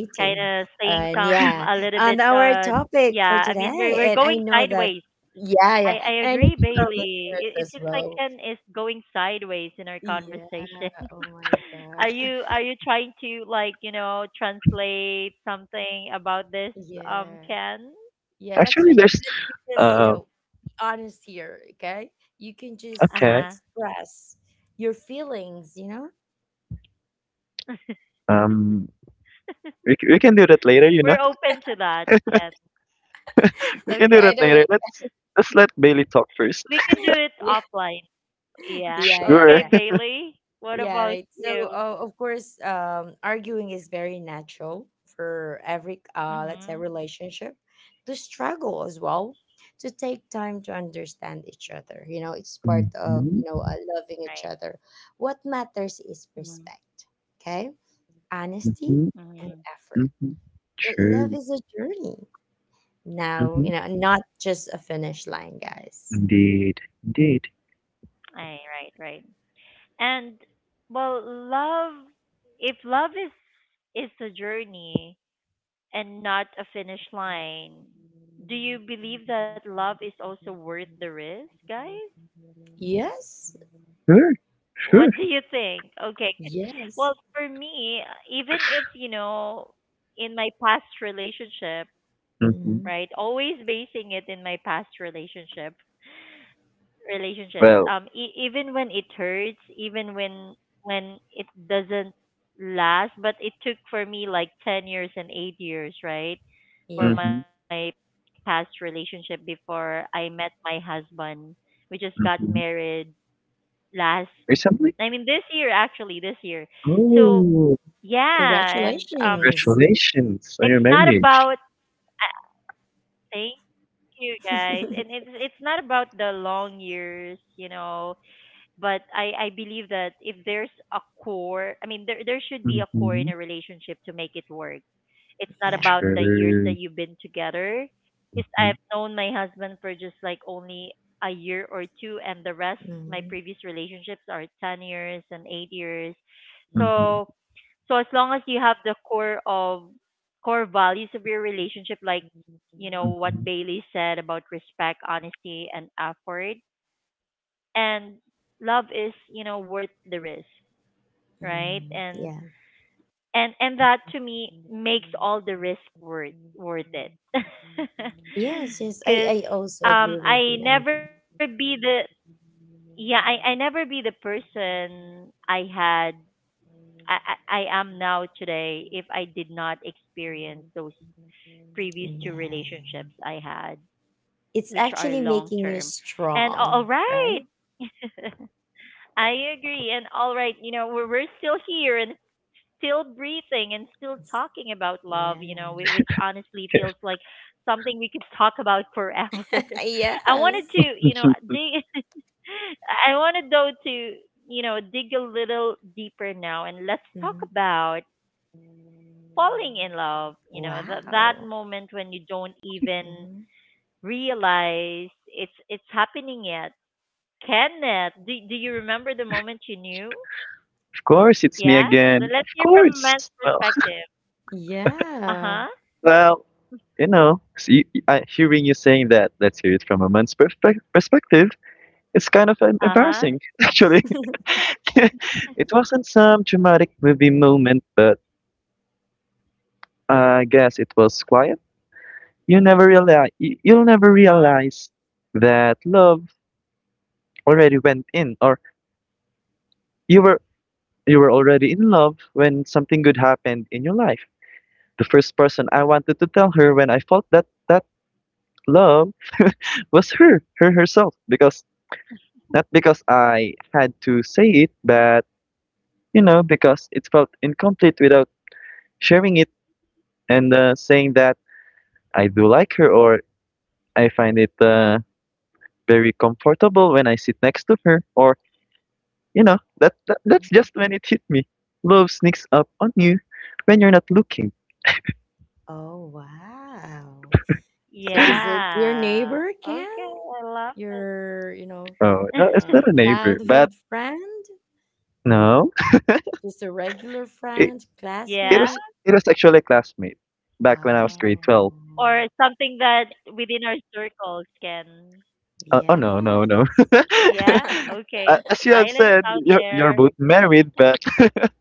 S1: kind of saying some
S2: And
S1: a
S2: yeah,
S1: little bit.
S2: on our topic for
S1: Yeah. I mean, we're
S2: today.
S1: we're
S2: And I
S1: going
S2: know that,
S1: sideways.
S2: yeah, yeah.
S1: I
S2: And I know
S1: agree,
S2: our
S1: Bailey.
S2: listeners
S1: It
S2: as
S1: seems like
S2: well.
S1: Ken is going sideways in our
S2: Yeah.
S1: conversation.
S2: Oh my gosh.
S1: Are you trying to like you know translate something about this,
S2: Yeah.
S1: Ken?
S2: Yeah.
S3: Actually, there's,
S2: Let's be just, you
S3: uh,
S2: know, be honest here. Okay. You can just, you
S1: Uh
S2: know,
S3: okay,
S1: huh.
S2: express your feelings, you know,
S3: um, we can do that later, you
S1: We're
S3: know?
S1: open to that, Ken.
S3: We can do
S1: Okay,
S2: by
S3: that
S2: the way.
S3: later. Let's let Bailey talk first.
S1: we can do it offline. Yeah.
S2: Yeah. Yeah.
S1: Okay,
S3: Sure.
S2: Yeah.
S1: Bailey. What
S2: Yeah,
S1: about
S2: right. So,
S1: you?
S2: of course, arguing is very natural for every, let's say,
S1: Mhm.
S2: relationship to struggle as well, to take time to understand each other. You know, it's part of,
S3: Mm-hmm,
S2: you know, loving each
S1: Right.
S2: other. What matters is
S1: Mhm.
S2: respect, okay? Honesty
S3: mm-hmm,
S2: and
S1: Mhm.
S2: effort.
S3: mm-hmm.
S2: Love
S3: True.
S2: is a journey now,
S3: Mm-hmm.
S2: you know, not just a finish line, guys.
S3: Indeed. Indeed.
S1: Ay, right. Right. And well, love if love is a journey and not a finish line, do you believe that love is also worth the risk, guys?
S2: Yes,
S3: Sure, sure.
S1: What do you think? Okay.
S2: yes.
S1: Well, for me, even if, you know, in my past relationship,
S3: Mm-hmm.
S1: right?
S2: Mhm.
S1: Always basing it in my past relationship. Relationships
S3: Well,
S1: even when it hurts, even when it doesn't last, but it took for me like 10 years and 8 years, right? For
S2: Yeah.
S3: mm-hmm,
S1: my past relationship before I met my husband, we just got married
S3: mm-hmm.
S1: last I mean
S3: Recently?
S1: this year, actually this year. So
S2: Mm.
S3: Oh,
S1: yeah, and
S2: Congratulations.
S3: congratulations on
S1: it's
S3: your
S1: not
S3: marriage.
S1: about uh, thank you, guys. And it's not about the long years, you know, but I believe that if there's a core, I mean there should be a core in a
S3: Mm-hmm.
S1: relationship to make it work. It's not about
S2: Yeah.
S1: the years that you've
S3: True.
S1: been together. Because I've
S3: Mhm,
S1: known my husband for just like only a year or two, and the rest my
S2: Mhm.
S1: previous relationships are 10 years and 8 years.
S3: mhm.
S1: So so as long as you have the core values of your relationship, like you know what Bailey said about respect, honesty, and effort, and love is you know worth the risk, right?
S2: Mhm.
S1: And
S2: Yeah.
S1: and that to me makes all the risk worth it
S2: Yes, yes.
S1: because
S2: I also agree with
S1: I
S2: you,
S1: never
S2: MJ.
S1: be the yeah I never be the person i had I, I am now today if I did not experience those previous
S2: Yeah,
S1: two
S2: yeah.
S1: relationships I had, which are
S2: It's
S1: long
S2: actually
S1: term.
S2: making you
S1: And all
S2: strong,
S1: right.
S2: right?
S1: I agree. And all right, you know, we're still here and still breathing and still
S2: Yes.
S1: talking about love, you
S2: Yeah.
S1: know, which honestly feels like something we could talk about forever. I wanted
S2: yes.
S1: to, you know, dig, I wanted though to, you know, dig a little deeper now, and let's talk
S2: hmm
S1: about falling in love, you know, that
S2: Wow.
S1: moment when you don't even
S2: hmm
S1: realize it's happening yet. Kenneth, do you remember the moment you knew?
S3: Of course, it's me
S1: Yeah?
S3: again.
S1: Let-
S3: Of
S1: Let's hear from a
S3: course.
S1: man's
S3: Well,
S1: perspective. Uh
S2: Yeah.
S1: huh.
S3: well, you know, hearing you saying that, let's hear it from a man's perspective, it's kind of em-
S1: Uh huh.
S3: embarrassing, actually. It wasn't some dramatic movie moment, but I guess it was quiet.
S1: Uh
S3: You'll
S1: Huh?
S3: never realize that love already went in, or you were you were already in love when something good happened in your life. The first person I wanted to tell her when I felt that love was her herself, because not because I had to say it, but you know, because it felt incomplete without sharing it and saying that I do like her or I find it very comfortable when I sit next to her or you know,
S1: Mhm.
S3: that's just when it hit me. Love sneaks up on you when you're not looking.
S2: Oh, wow. So is it your
S1: Yeah.
S2: neighbor, Ken?
S1: Okay, I love it.
S2: Your, you know,
S3: Oh, no, it's not a neighbor, but
S2: childhood friend?
S3: no.
S2: Just a regular
S1: Yeah.
S2: friend,
S3: It was
S2: classmate?
S3: it was actually a classmate back when I was
S1: Or
S3: grade
S2: Oh,
S3: 12.
S1: something that within our circles can.
S3: Oh no, no, no.
S2: yes.
S1: Yeah. Okay.
S3: As
S1: Silence
S3: you have
S1: out
S3: said,
S1: there.
S3: you're both married, but.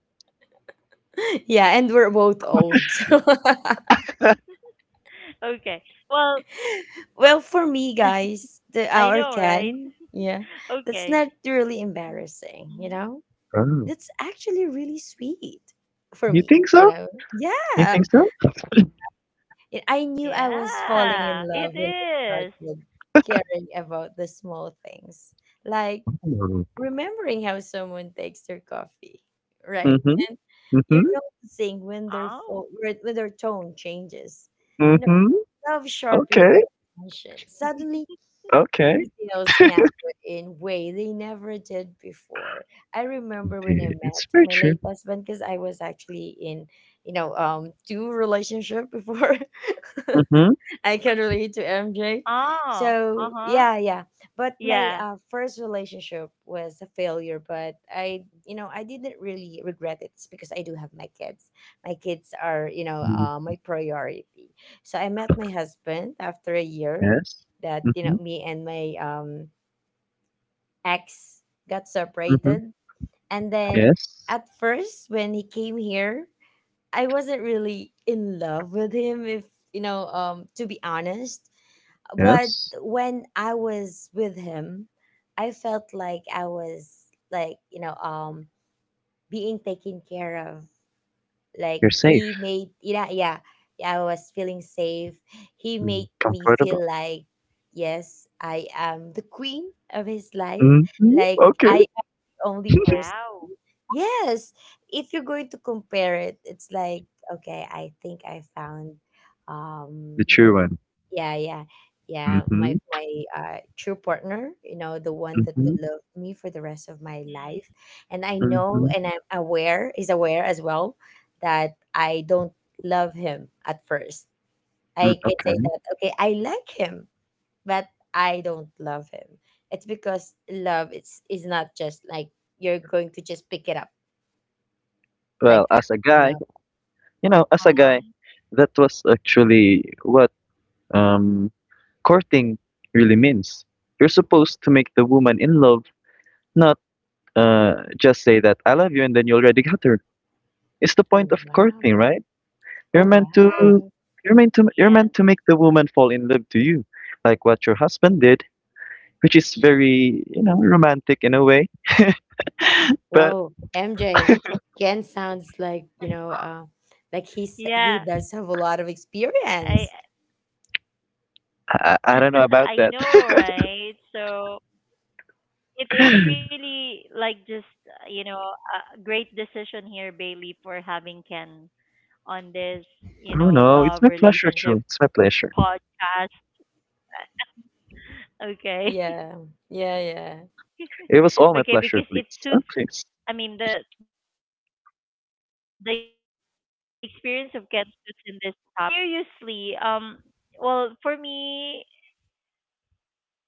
S2: yeah, and we're both old. So.
S1: Okay. Well, I know,
S2: Well,
S1: right?
S2: for me, guys, the
S1: Okay.
S2: our can, yeah,
S1: Mm-hmm.
S2: that's not really embarrassing, you know?
S3: Oh,
S2: That's actually really sweet for
S3: you
S2: me,
S3: think
S2: you
S3: so?
S2: know?
S3: You
S2: Yeah.
S3: think so?
S1: Yeah.
S2: Yeah, I knew I
S1: It
S2: was falling
S1: is.
S2: in love when I started caring about the small things. Like,
S3: Mm.
S2: remembering how someone takes their coffee, right?
S3: Mhm.
S2: And you're
S3: Mhm.
S2: noticing when their
S1: Oh.
S2: when their tone changes. You know,
S3: Mhm.
S2: love sharpens
S3: Okay.
S2: your attention. Suddenly,
S3: Okay.
S2: details matter in way they never did before. I remember when I
S3: Indeed,
S2: met
S3: it's very
S2: my
S3: true.
S2: late husband because I was actually in, you know, two relationship before.
S3: Mhm.
S2: I can relate to MJ.
S1: Oh. Uh
S2: So
S1: huh.
S2: yeah, yeah. But my
S1: Yeah.
S2: first relationship was a failure, but I, you know, I didn't really regret it because I do have my kids. My kids are, you know,
S3: Mm.
S2: my priority. So I met my husband after a year
S3: Yes.
S2: that
S3: Mhm.
S2: me and my ex got
S3: Mhm.
S2: separated, and then
S3: Yes.
S2: at first when he came here, I wasn't really in love with him, if to be honest. But
S3: Yes.
S2: when I was with him, I felt like I was like being taken care of like
S3: You're safe.
S2: he made yeah, I was feeling safe. He
S3: Mm.
S2: made me feel
S3: Comfortable.
S2: like yes, I am the queen of his life,
S3: Mhm.
S2: like
S3: Okay.
S2: I am the only person.
S1: Wow.
S2: Yes, if you're going to compare it, it's like okay, I think I found um
S3: The true one.
S2: yeah, yeah. My
S3: Mhm.
S2: my true partner, the one that
S3: Mhm.
S2: loved me for the rest of
S1: Mm.
S2: my life, and I know,
S3: Mhm.
S2: and I'm aware, is aware as well that I don't love him at first.
S3: Mm.
S2: I can say
S3: Okay.
S2: that okay, I like him, but I don't love him. It's because love it's is not just like you're going to just pick it up like
S3: Well, as a
S2: that.
S3: guy,
S2: No.
S3: you know, as a guy,
S1: Uh-huh.
S3: that was actually what um, courting really means. You're supposed to make the woman in love, not uh, just say that I love you and then you already got her. It's the point
S2: Oh
S3: of
S2: wow.
S3: courting, right? You're
S2: Oh
S3: meant to,
S2: wow.
S3: you're meant to make
S1: Yeah.
S3: the woman fall in love to you, like what your husband did, which is very, you know, romantic in a way. But
S2: Wow, MJ. Ken sounds like, like
S1: Yeah.
S2: he does have a lot of
S1: I
S2: experience.
S3: I
S1: I
S3: don't know about
S1: I
S3: that.
S1: know, right? So it
S3: I
S1: it's really like just you know a great decision here, Bailey, for having Ken on this you
S3: don't
S1: know
S3: know. It's
S1: love
S3: my pleasure,
S1: relationship
S3: actually. It's my pleasure.
S1: podcast. Okay,
S2: Yeah. Yeah,
S1: okay,
S2: yeah.
S1: because it suits.
S3: It was all my
S1: I mean
S3: pleasure,
S1: the
S3: please.
S1: the
S3: Oh, please.
S1: experience of Ken suits in this topic, right? Okay, so seriously, well for me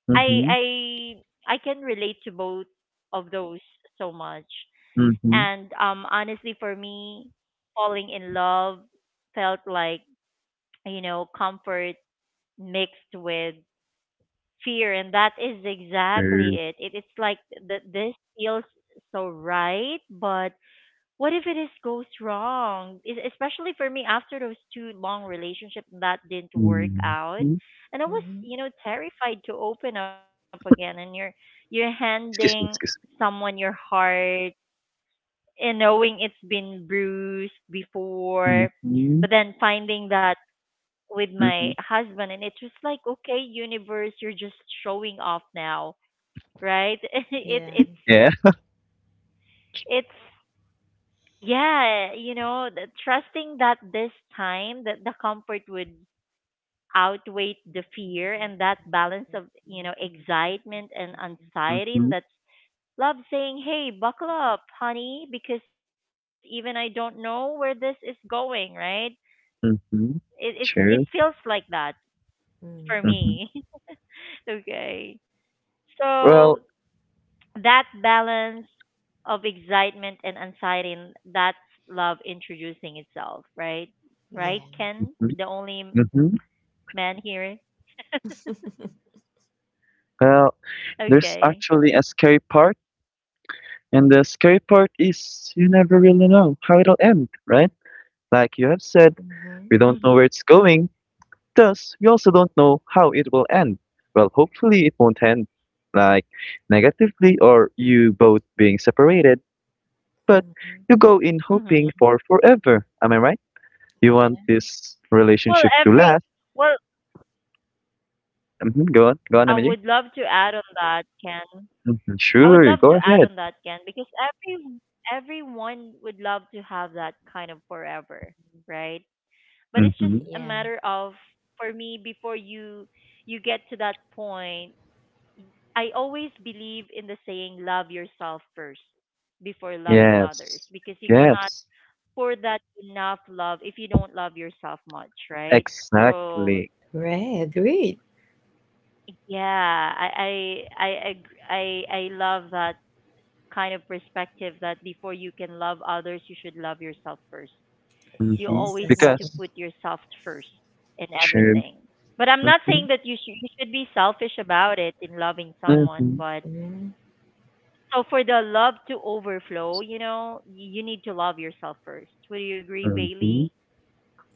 S1: I
S3: Mm-hmm.
S1: I I can relate to both of those so much.
S3: Mm-hmm.
S1: And honestly for me, falling in love felt like, you know, comfort mixed with fear, and that is exactly it. It's like this feels so right, but what if it is goes wrong? Especially for me after those two long relationships that didn't work out,
S3: Mm-hmm.
S1: and I was
S2: Mm-hmm.
S1: you know terrified to open up again. And you're handing
S3: Excuse me, excuse
S1: someone your heart and knowing it's been bruised
S3: me.
S1: before,
S3: Mm-hmm.
S1: but then finding that with my
S3: Mm-hmm.
S1: husband. And it's just like okay universe you're just showing off now, right? it
S2: Yeah.
S3: Yeah.
S1: it's Yeah, you know, trusting that this time that the comfort would outweigh the fear and that balance of, you know, excitement and anxiety, and
S3: Mm-hmm.
S1: that's love saying, "Hey, buckle up, honey, because even I don't know where this is going, right?"
S3: Mm-hmm.
S1: It feels
S3: True.
S1: like that for
S2: mm
S1: me.
S3: Mm-hmm.
S1: Okay. So,
S3: Well,
S1: that balance of excitement and anxiety, and that's love introducing itself, right? Right,
S2: Yeah.
S1: Ken, the only
S3: mm-hmm.
S1: man here.
S3: Well, there's actually a
S1: Okay.
S3: scary part, and the scary part is you never really know how it'll end, right? Like you have said, we
S2: Mm-hmm.
S3: don't know where it's
S1: Mhm.
S3: going. Thus, we also don't know how it will end. Well, hopefully it won't end like negatively or you both being separated, but
S2: Mm-hmm.
S3: you go in hoping for
S1: Mhm.
S3: forever. Am I right? You want
S2: Yeah.
S3: this relationship
S1: well
S3: to last.
S1: every well
S3: Hmm Go on,
S1: I
S3: go on,
S1: would
S3: Emily.
S1: love to add on that, Ken.
S3: Hmm
S1: I would love
S3: Sure,
S1: to
S3: go
S1: add on
S3: ahead.
S1: that, Ken, because everyone would love to have that kind of forever, right? But it's just
S3: Hmm
S1: a
S2: Yeah.
S1: matter of for me before you get to that point, I always believe in the saying love yourself first before loving
S3: Yes,
S1: others, because you cannot
S3: yes,
S1: pour that enough love if you don't love yourself much, right? So
S3: exactly.
S2: Right. Agreed.
S1: yeah, I love that kind of perspective that before you can love others, you should love yourself first. You
S3: hmm
S2: Yes,
S1: always
S2: that's
S1: need to
S2: good.
S3: Because,
S1: put yourself first in
S3: true.
S1: everything. But I'm
S3: Hmm
S1: not
S3: hmm
S1: saying that you should be selfish about it in loving someone,
S3: hmm
S1: but
S2: Mhm.
S1: so for the love to overflow, you know, you need to love yourself first. Would you agree,
S3: hmm
S1: Bailey?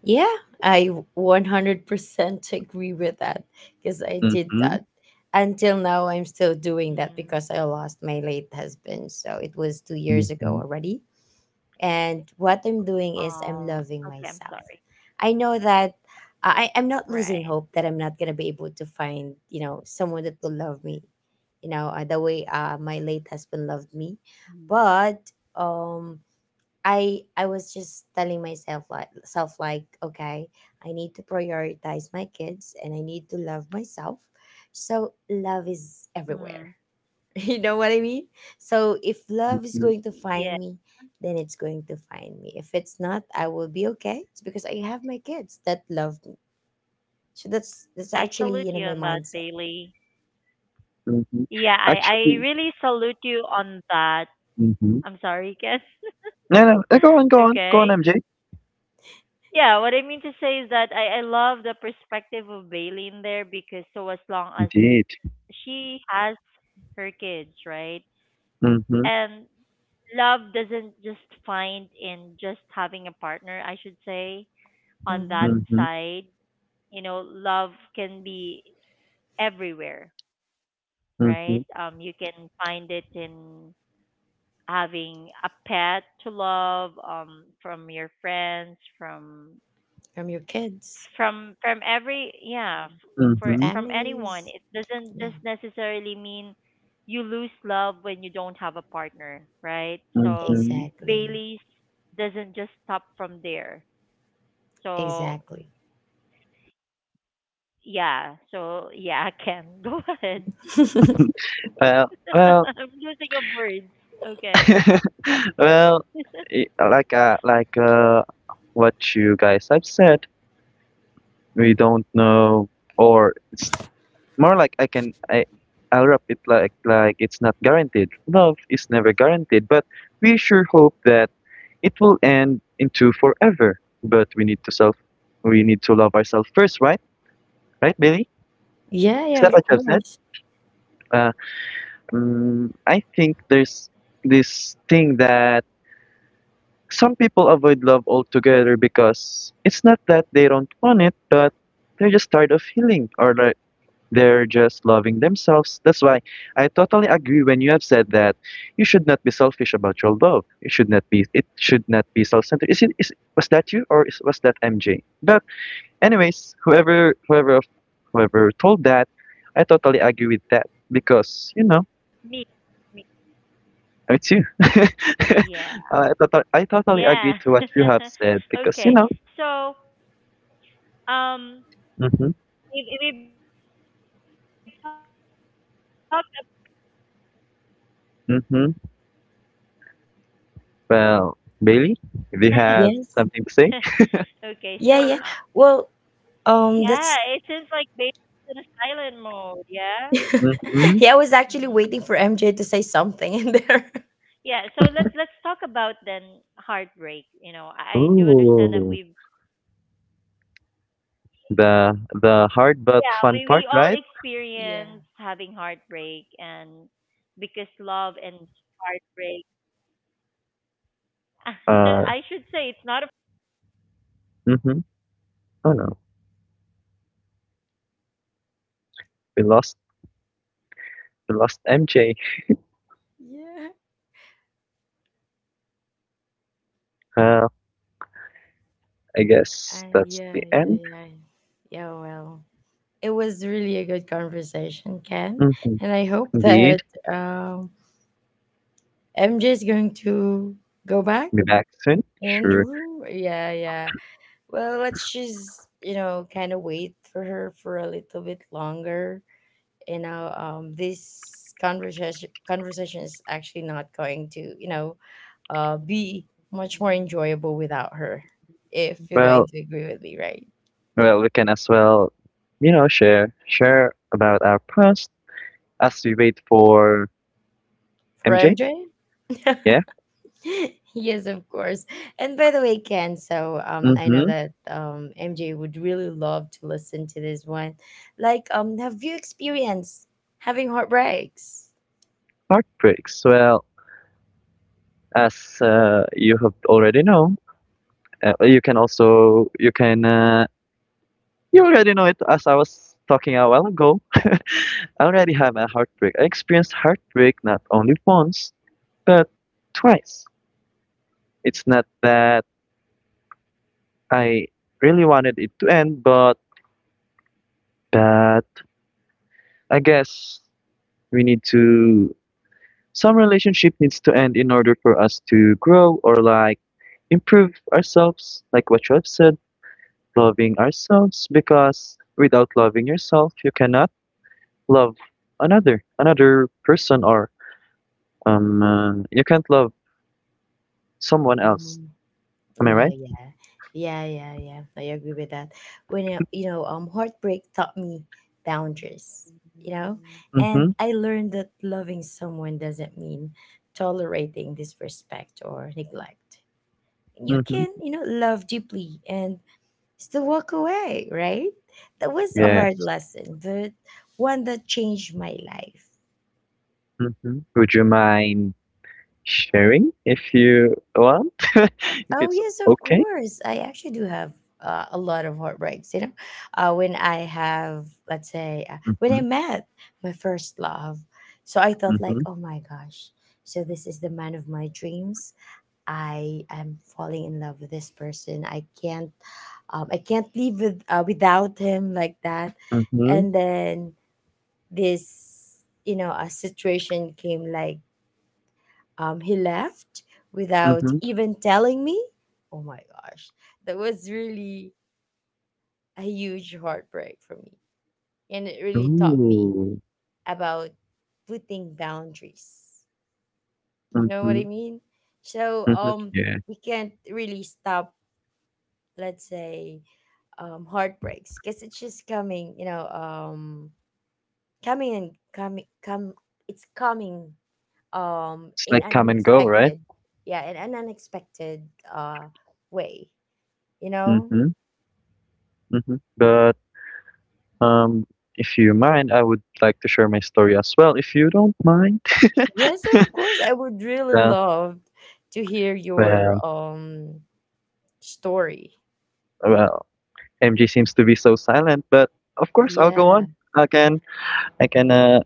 S2: Yeah, I 100% agree with that because I did
S3: hmm
S2: that. Until now, I'm still doing that
S1: Mm.
S2: because I lost my late husband. So it was 2 years ago
S3: hmm
S2: already. And what I'm doing is I'm loving
S1: Okay, I'm
S2: myself.
S1: sorry.
S2: I know that I'm not
S1: Right.
S2: losing hope that I'm not going to be able to find someone that will love me, the way my late husband loved me.
S1: Mm.
S2: But um I was just telling myself like self, like okay, I need to prioritize my kids and I need to love myself. So love is
S1: Mm.
S2: everywhere. You know what I mean? So if love is going to
S1: Yeah,
S2: find me, then it's going to find me. If it's not, I will be okay. It's because I have my kids that love me. So that's
S1: I
S2: actually,
S1: salute
S2: you know,
S1: you
S2: my
S1: on that,
S2: mindset.
S1: Bailey.
S3: hmm
S1: Yeah, I
S3: Actually,
S1: really salute you on that.
S3: mhm.
S1: I'm sorry, Ken.
S3: No, no, go on, go on, go on,
S1: Okay.
S3: MJ.
S1: Yeah, what I mean to say is that I love the perspective of Bailey in there because so as long as
S3: Indeed.
S1: she has her kids, right?
S3: Mhm.
S1: And love doesn't just find in just having a partner, I should say, on that
S2: Mm-hmm.
S3: Mhm.
S1: side. You know, love can be everywhere,
S3: Mhm.
S1: right? You can find it in having a pet to love, from your friends, from
S2: From your kids,
S1: from from every yeah for
S3: Mhm.
S1: from anyone.
S2: families.
S1: It doesn't
S2: Yeah,
S1: just necessarily mean you lose love when you don't have a partner, right? So
S3: Mhm.
S2: exactly.
S1: bailey's doesn't just stop from there. So
S2: Exactly.
S1: yeah so yeah Ken go ahead.
S3: Well,
S1: I'm losing your words. Okay.
S3: well, like what you guys have said, we don't know, or it's more like I'll wrap it like it's not guaranteed. Love is never guaranteed, but we sure hope that it will end into forever. But we need to love ourselves first, right? Right, Billy?
S2: Yeah,
S3: Is
S2: yeah,
S3: that
S2: of
S3: what you have said?
S2: course.
S3: Uh, I think there's this thing that some people avoid love altogether because it's not that they don't want it, but they're just tired of healing or like they're just loving themselves. That's why I totally agree when you have said that you should not be selfish about your love. It should not be self-centered. Is it is was that you or was that MJ? But anyways,
S1: me me
S3: whoever told that, I
S1: Hmm,
S3: totally agree with that because you know. Me too.
S1: yeah
S3: I totally
S1: yeah.
S3: agree to what you have said because
S1: Okay,
S3: you know.
S1: so um we
S3: Mm-hmm.
S1: we've talked okay, so we actually talk about
S3: Mm-hmm.
S1: those things, right? Um,
S3: Well, Bailey, do you have
S2: Yes.
S1: but
S3: something to say?
S1: let's
S2: Yeah, yeah. Well,
S1: Yeah, it seems like baby's
S2: that's
S1: in a silent mode, yeah. Hmm.
S3: Mm-hmm.
S2: yeah. I was actually waiting for MJ to say something in
S1: Yeah, so
S2: there.
S1: let's let's talk about then heartbreak. You know, I do understand that we've
S3: Ooh,
S2: Mhm.
S1: yeah we all
S3: the
S1: experience
S3: hard but
S1: having
S3: fun part, right?
S1: heartbreak. And
S2: Yeah.
S1: because love and heartbreak I should say it's not a fun part because it's
S3: Uh,
S1: heartbreak, right? Do you consider
S3: mm-hmm.
S1: that fun?
S3: Oh no,
S1: Ken.
S3: we lost we lost MJ.
S1: Hello? Ken?
S2: Yeah.
S1: So, guys,
S3: Uh,
S1: hello.
S3: I guess that's
S2: Yeah,
S3: the
S2: yeah,
S3: end.
S2: yeah. Yeah, well, it was really a
S1: So,
S2: good conversation, Ken.
S3: Mm-hmm.
S2: And I hope
S3: Indeed,
S2: that um, MJ is going to go back
S3: be back soon.
S2: in the
S3: Sure.
S2: room. Yeah, yeah. Well, let's just, you know, kind of wait for her for a little bit longer. You know, this conversation is actually not going to be much more enjoyable without her, if you're going
S3: Well,
S2: to agree with me, right?
S3: well, we can as well, you know, share about our past as we wait for
S2: For
S3: MJ?
S2: MJ.
S3: Yeah.
S2: Yes, of course. And by the way, Ken, so I know
S3: Mm-hmm.
S2: that MJ would really love to listen to this one, like have you experienced having heartbreaks.
S3: Heartbreaks. Well, as you have already know, you can you already know it as I was talking a while ago. I already have a heartbreak. I experienced heartbreak not only once but twice. It's not that I really wanted it to end, but but I guess we need to some relationship needs to end in order for us to grow or like improve ourselves, like what you have said loving ourselves because without loving yourself, you cannot love another person or you can't love someone else. Am I
S2: Oh
S3: right?
S2: yeah, yeah, I agree with that. When heartbreak taught me boundaries. You know, and
S3: Mm-hmm.
S2: I learned that loving someone doesn't mean tolerating disrespect or neglect. You can,
S3: Mm-hmm.
S2: you know, love deeply and still walk away, right? That was a hard
S3: Yes.
S2: lesson, but one that changed my life.
S3: Mm-hmm. Would you mind sharing if you want? If
S2: Oh
S3: it's
S2: yes, of
S3: okay?
S2: course. I actually do have a lot of heartbreaks. You know, when I have, let's say, when
S3: Mm-hmm.
S2: I met my first love, so I thought like,
S3: Mm-hmm.
S2: oh my gosh, so this is the man of my dreams. I am falling in love with this person. I can't live with without him like that.
S3: Mm-hmm.
S2: And then this, you know, a situation came like he left without
S3: Mm-hmm.
S2: even telling me. Oh my gosh, that was really a huge heartbreak for me. And it really taught me
S3: Ooh.
S2: about putting boundaries. You know what
S3: Mm-hmm.
S2: I mean? So
S3: Mm-hmm. Yeah.
S2: we can't really stop, let's say, heartbreaks because it's just coming, you know, coming and coming come it's coming
S3: It's
S2: in
S3: like
S2: an
S3: come and go, right?
S2: unexpected yeah, in an unexpected uh way. You know,
S3: Mm-hmm. Mm-hmm. But um, if you mind, I would like to share my story as well, if you don't mind.
S2: yes of course, I would really
S3: Uh,
S2: love to hear your
S3: well,
S2: story.
S3: well, MJ seems to be so silent, but of course I'll go
S2: Yeah.
S3: on. I can, I can, uh,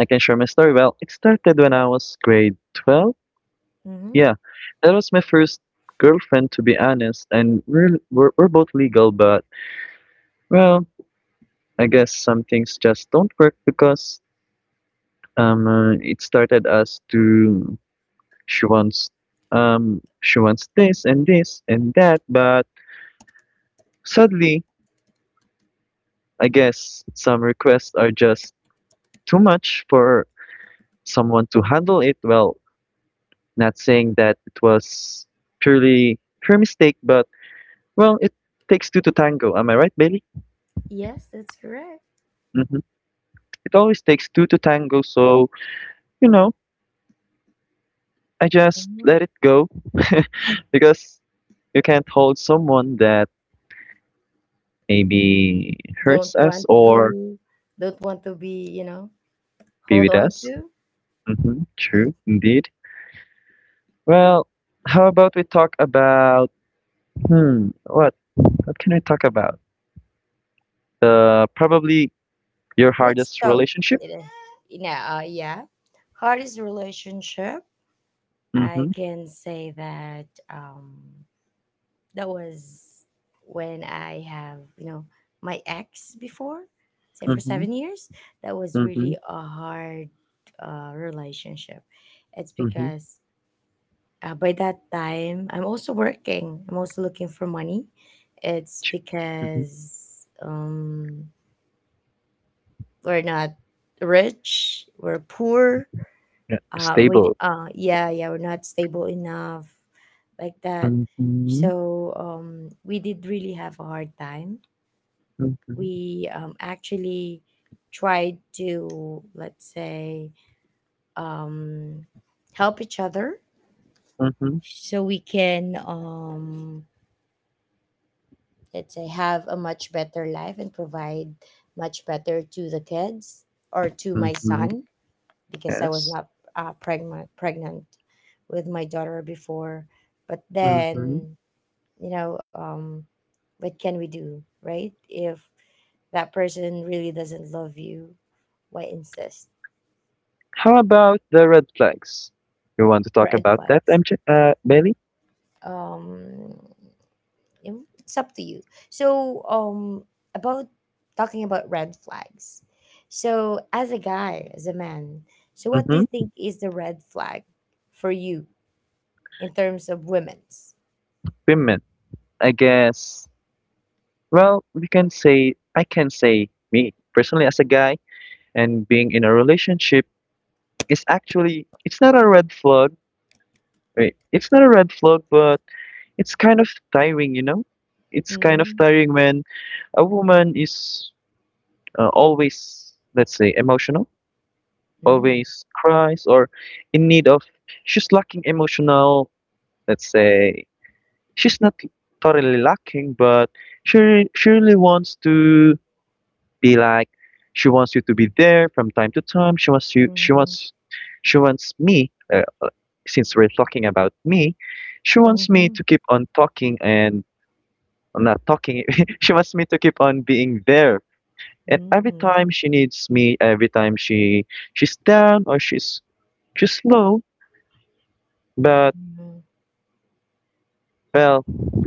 S3: I can share my story. Well, it started when I was grade 12.
S2: hmm
S3: Yeah, that was my first girlfriend, to be honest, and we're both legal, but well, I guess some things just don't work because it started as to she wants she wants this and this and that, but suddenly I guess some requests are just too much for someone to handle it. Well, not saying that it was purely her mistake, but well, it takes two to tango, am I right, Bailey?
S2: Yes, that's correct.
S3: Hmm it always takes two to tango, so you know, I just
S2: hmm
S3: let it go. Because you can't hold someone that maybe
S2: don't
S3: hurts us
S2: want
S3: or
S2: to don't want to be, you know,
S3: be
S2: hold
S3: with
S2: on
S3: us.
S2: to.
S3: Mm-hmm, true, indeed. Well, how about we talk about hmm, what can we talk about? Probably your
S2: Let's
S3: hardest
S2: talk
S3: relationship.
S2: uh, yeah, hardest relationship. I
S3: Mm-hmm,
S2: can say that that was when I have, you know, my ex before, say for
S3: mm-hmm,
S2: 7 years. That was
S3: mm-hmm,
S2: really a hard relationship. It's
S3: mm-hmm.
S2: because by that time, I'm also working, I'm also looking for money. It's
S3: Mm-hmm.
S2: because we're not rich, we're poor.
S3: Yeah,
S2: We
S3: stable.
S2: yeah, yeah, we're not stable enough like that.
S3: Mm-hmm,
S2: So we did really have a hard time.
S3: mm-hmm,
S2: We actually tried to, let's say, um, help each other
S3: mm-hmm,
S2: so we can, let's say, have a much better life and provide much better to the kids or to my
S3: mm-hmm.
S2: son, because I was
S3: Yes.
S2: not pregnant with my daughter before, but
S3: Mm-hmm.
S2: then, you know, what can we do, right, if that person really doesn't love you, why insist.
S3: How about the red flags? You want to talk
S2: Red
S3: about that,
S2: flags.
S3: MJ, Bailey?
S2: um you know, it's up to you. So about talking about red flags, so as a guy, as a man, so what do
S3: Mm-hmm.
S2: you think is the red flag for you in terms of women's.
S3: Women, I guess. Well, we can say I can say me personally as a guy. And being in a relationship is actually it's not a red flag, right? it's not a red flag but it's kind of tiring, you know, it's kind of
S2: Mm-hmm.
S3: tiring when a woman is always, let's say, emotional,
S2: Mm-hmm.
S3: always cries or in need of, she's lacking emotional, let's say, she's not thoroughly lacking, but she really wants to be like she wants you to be there from time to time, she wants me, since we're talking about me, she wants me
S2: Mm-hmm.
S3: to keep on talking and well, not talking. She wants me to keep on being there. And every
S2: Mm-hmm.
S3: time she needs me, every time she's down or she's low, but
S2: Mm-hmm.
S3: well,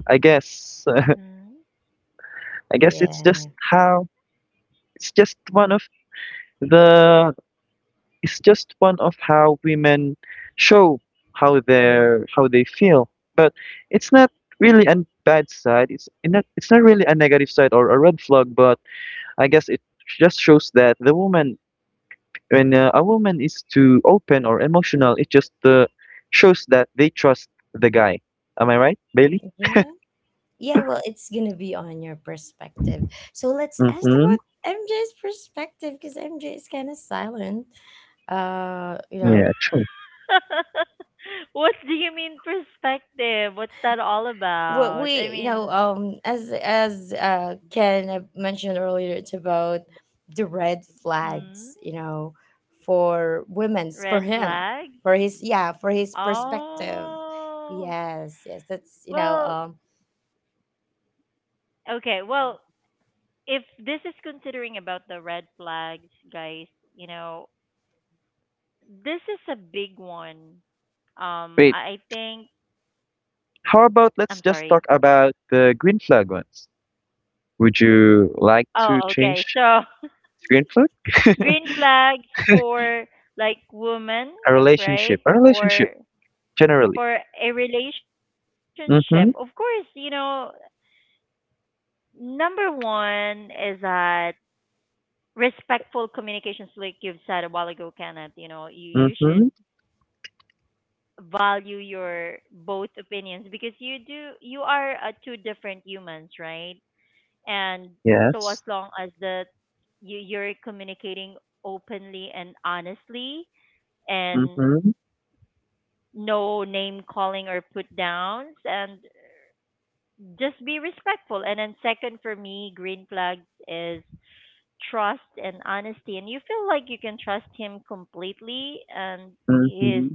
S3: I guess I guess it's just
S2: Yeah.
S3: how it's just one of the it's just one of how women show
S2: Mm.
S3: how they feel. But it's not really a bad side. It's not really a negative side or a red flag, but I guess it just shows that the woman, when a woman is too open or emotional, it just shows that they trust the guy. Am I right, Bailey?
S2: Yeah. Yeah, well, it's gonna be on your perspective. So let's ask
S3: Mm-hmm.
S2: about MJ's perspective because MJ is kind of silent. You
S3: Yeah,
S2: know,
S3: true.
S2: what we, you know, as Ken mentioned earlier, it's about the red flags, you know, for women's, for him, for his, yeah, for his perspective. Yes, yes, that's you know, um,
S3: Wait, how about let's just talk about the green flag ones? Would you like to change green flag? A relationship generally. Mm-hmm. Mm-hmm. Yes. Mm-hmm. Mm-hmm.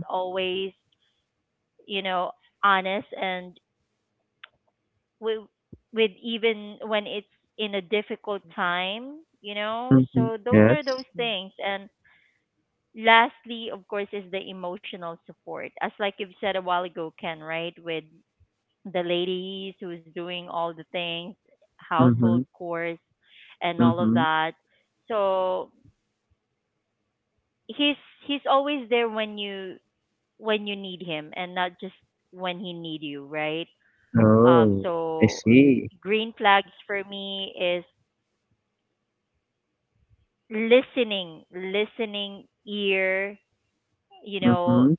S3: Mm-hmm. Yes. Mm-hmm. Mm-hmm. Oh, I see. Mhm,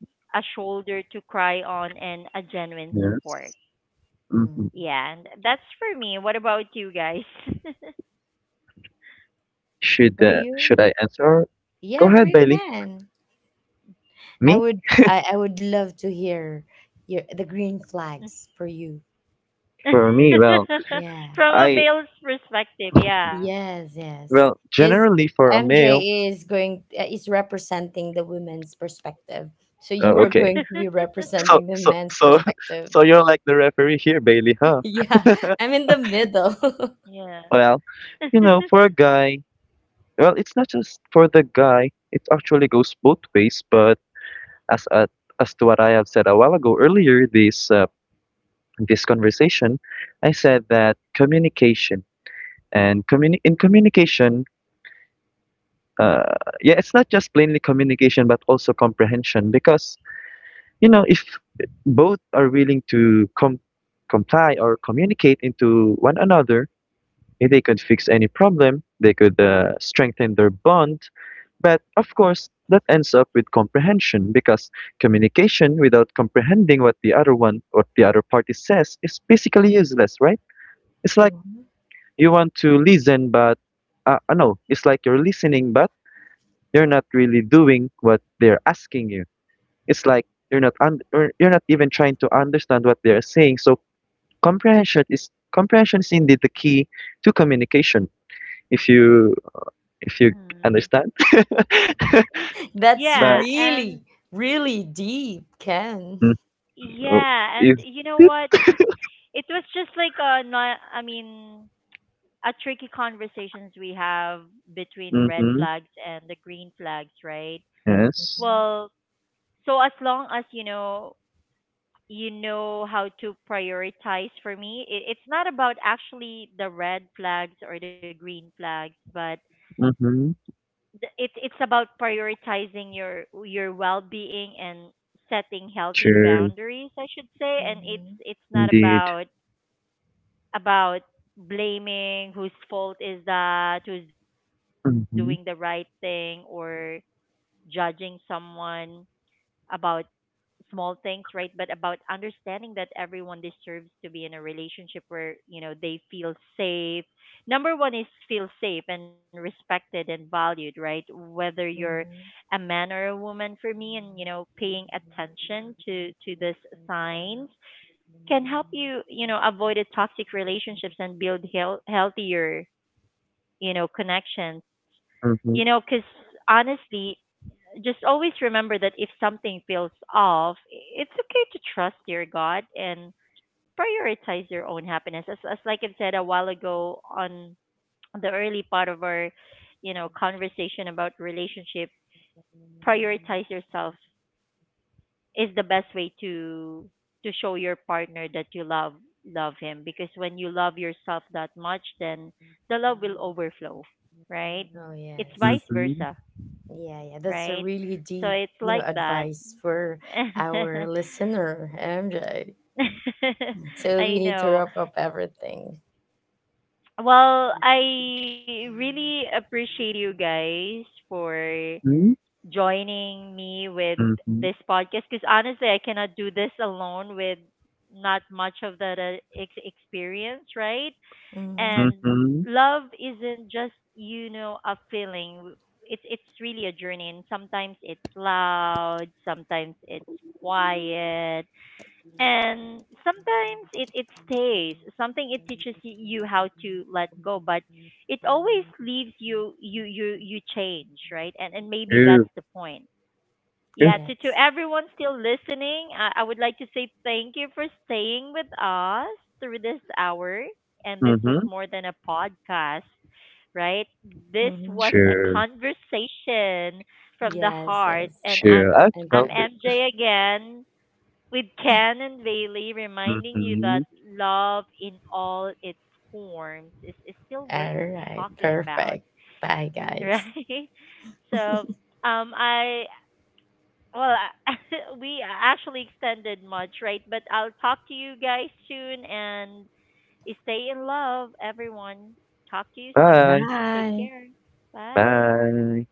S3: yes. Mhm.
S2: Mm. For you?
S3: Should I answer? Go
S2: Yeah, for
S3: ahead,
S2: you
S3: Bailey.
S2: can. I
S3: Me?
S2: would I would love to hear your the green flags for you.
S3: For me, well,
S2: Yeah.
S3: I
S2: Yes, yes.
S3: well
S2: Because
S3: generally for a male.
S2: MJ is going is representing the women's perspective. So
S3: Oh,
S2: you are
S3: okay.
S2: going to be representing the men's
S3: So
S2: perspective.
S3: so you're like the referee here, Bailey, huh?
S2: Yeah, I'm in the middle.
S3: Well, you know, for a guy, well, it's not just for the guy. It actually goes both ways. But as a, as to what I have said a while ago earlier, this this conversation, I said that communication and communi in communication. uh, yeah, it's not just plainly communication, but also comprehension. Because you know, if both are willing to comply or communicate into one another, eh, they could fix any problem. They could strengthen their bond. But of course, that ends up with comprehension because communication without comprehending what the other one or the other party says is basically useless, right? It's like
S2: Mhm.
S3: you want to listen, but no, it's like you're listening, but you're not really doing what they're asking you. It's like you're not even trying to understand what they're saying. So comprehension is comprehension is indeed the key to communication. If you if you understand,
S2: That's
S3: but
S2: really, really deep, Ken.
S3: mm, oh, is mm-hmm, yes,
S2: Mm-hmm.
S3: mm-hmm, true,
S2: Mm-hmm.
S3: indeed. Mm-hmm,
S2: Mm-hmm.
S3: mm-hmm,
S2: Oh, yes.
S3: mm-hmm,
S2: Yeah, yeah. That's a really deep, you know, advice for our listener, MJ. So we need to wrap up everything.
S3: mm-hmm, mm-hmm,
S2: Mm-hmm.
S3: mm-hmm,
S2: Yeah.
S3: true, true,
S2: Yes.
S3: mm-hmm,
S2: Mm-hmm.
S3: true,
S2: Yes. Yes.
S3: true. I
S2: And
S3: felt it. Mm-hmm.
S2: all right. Perfect. Bye, guys.
S3: Bye.
S2: Bye.
S3: Bye.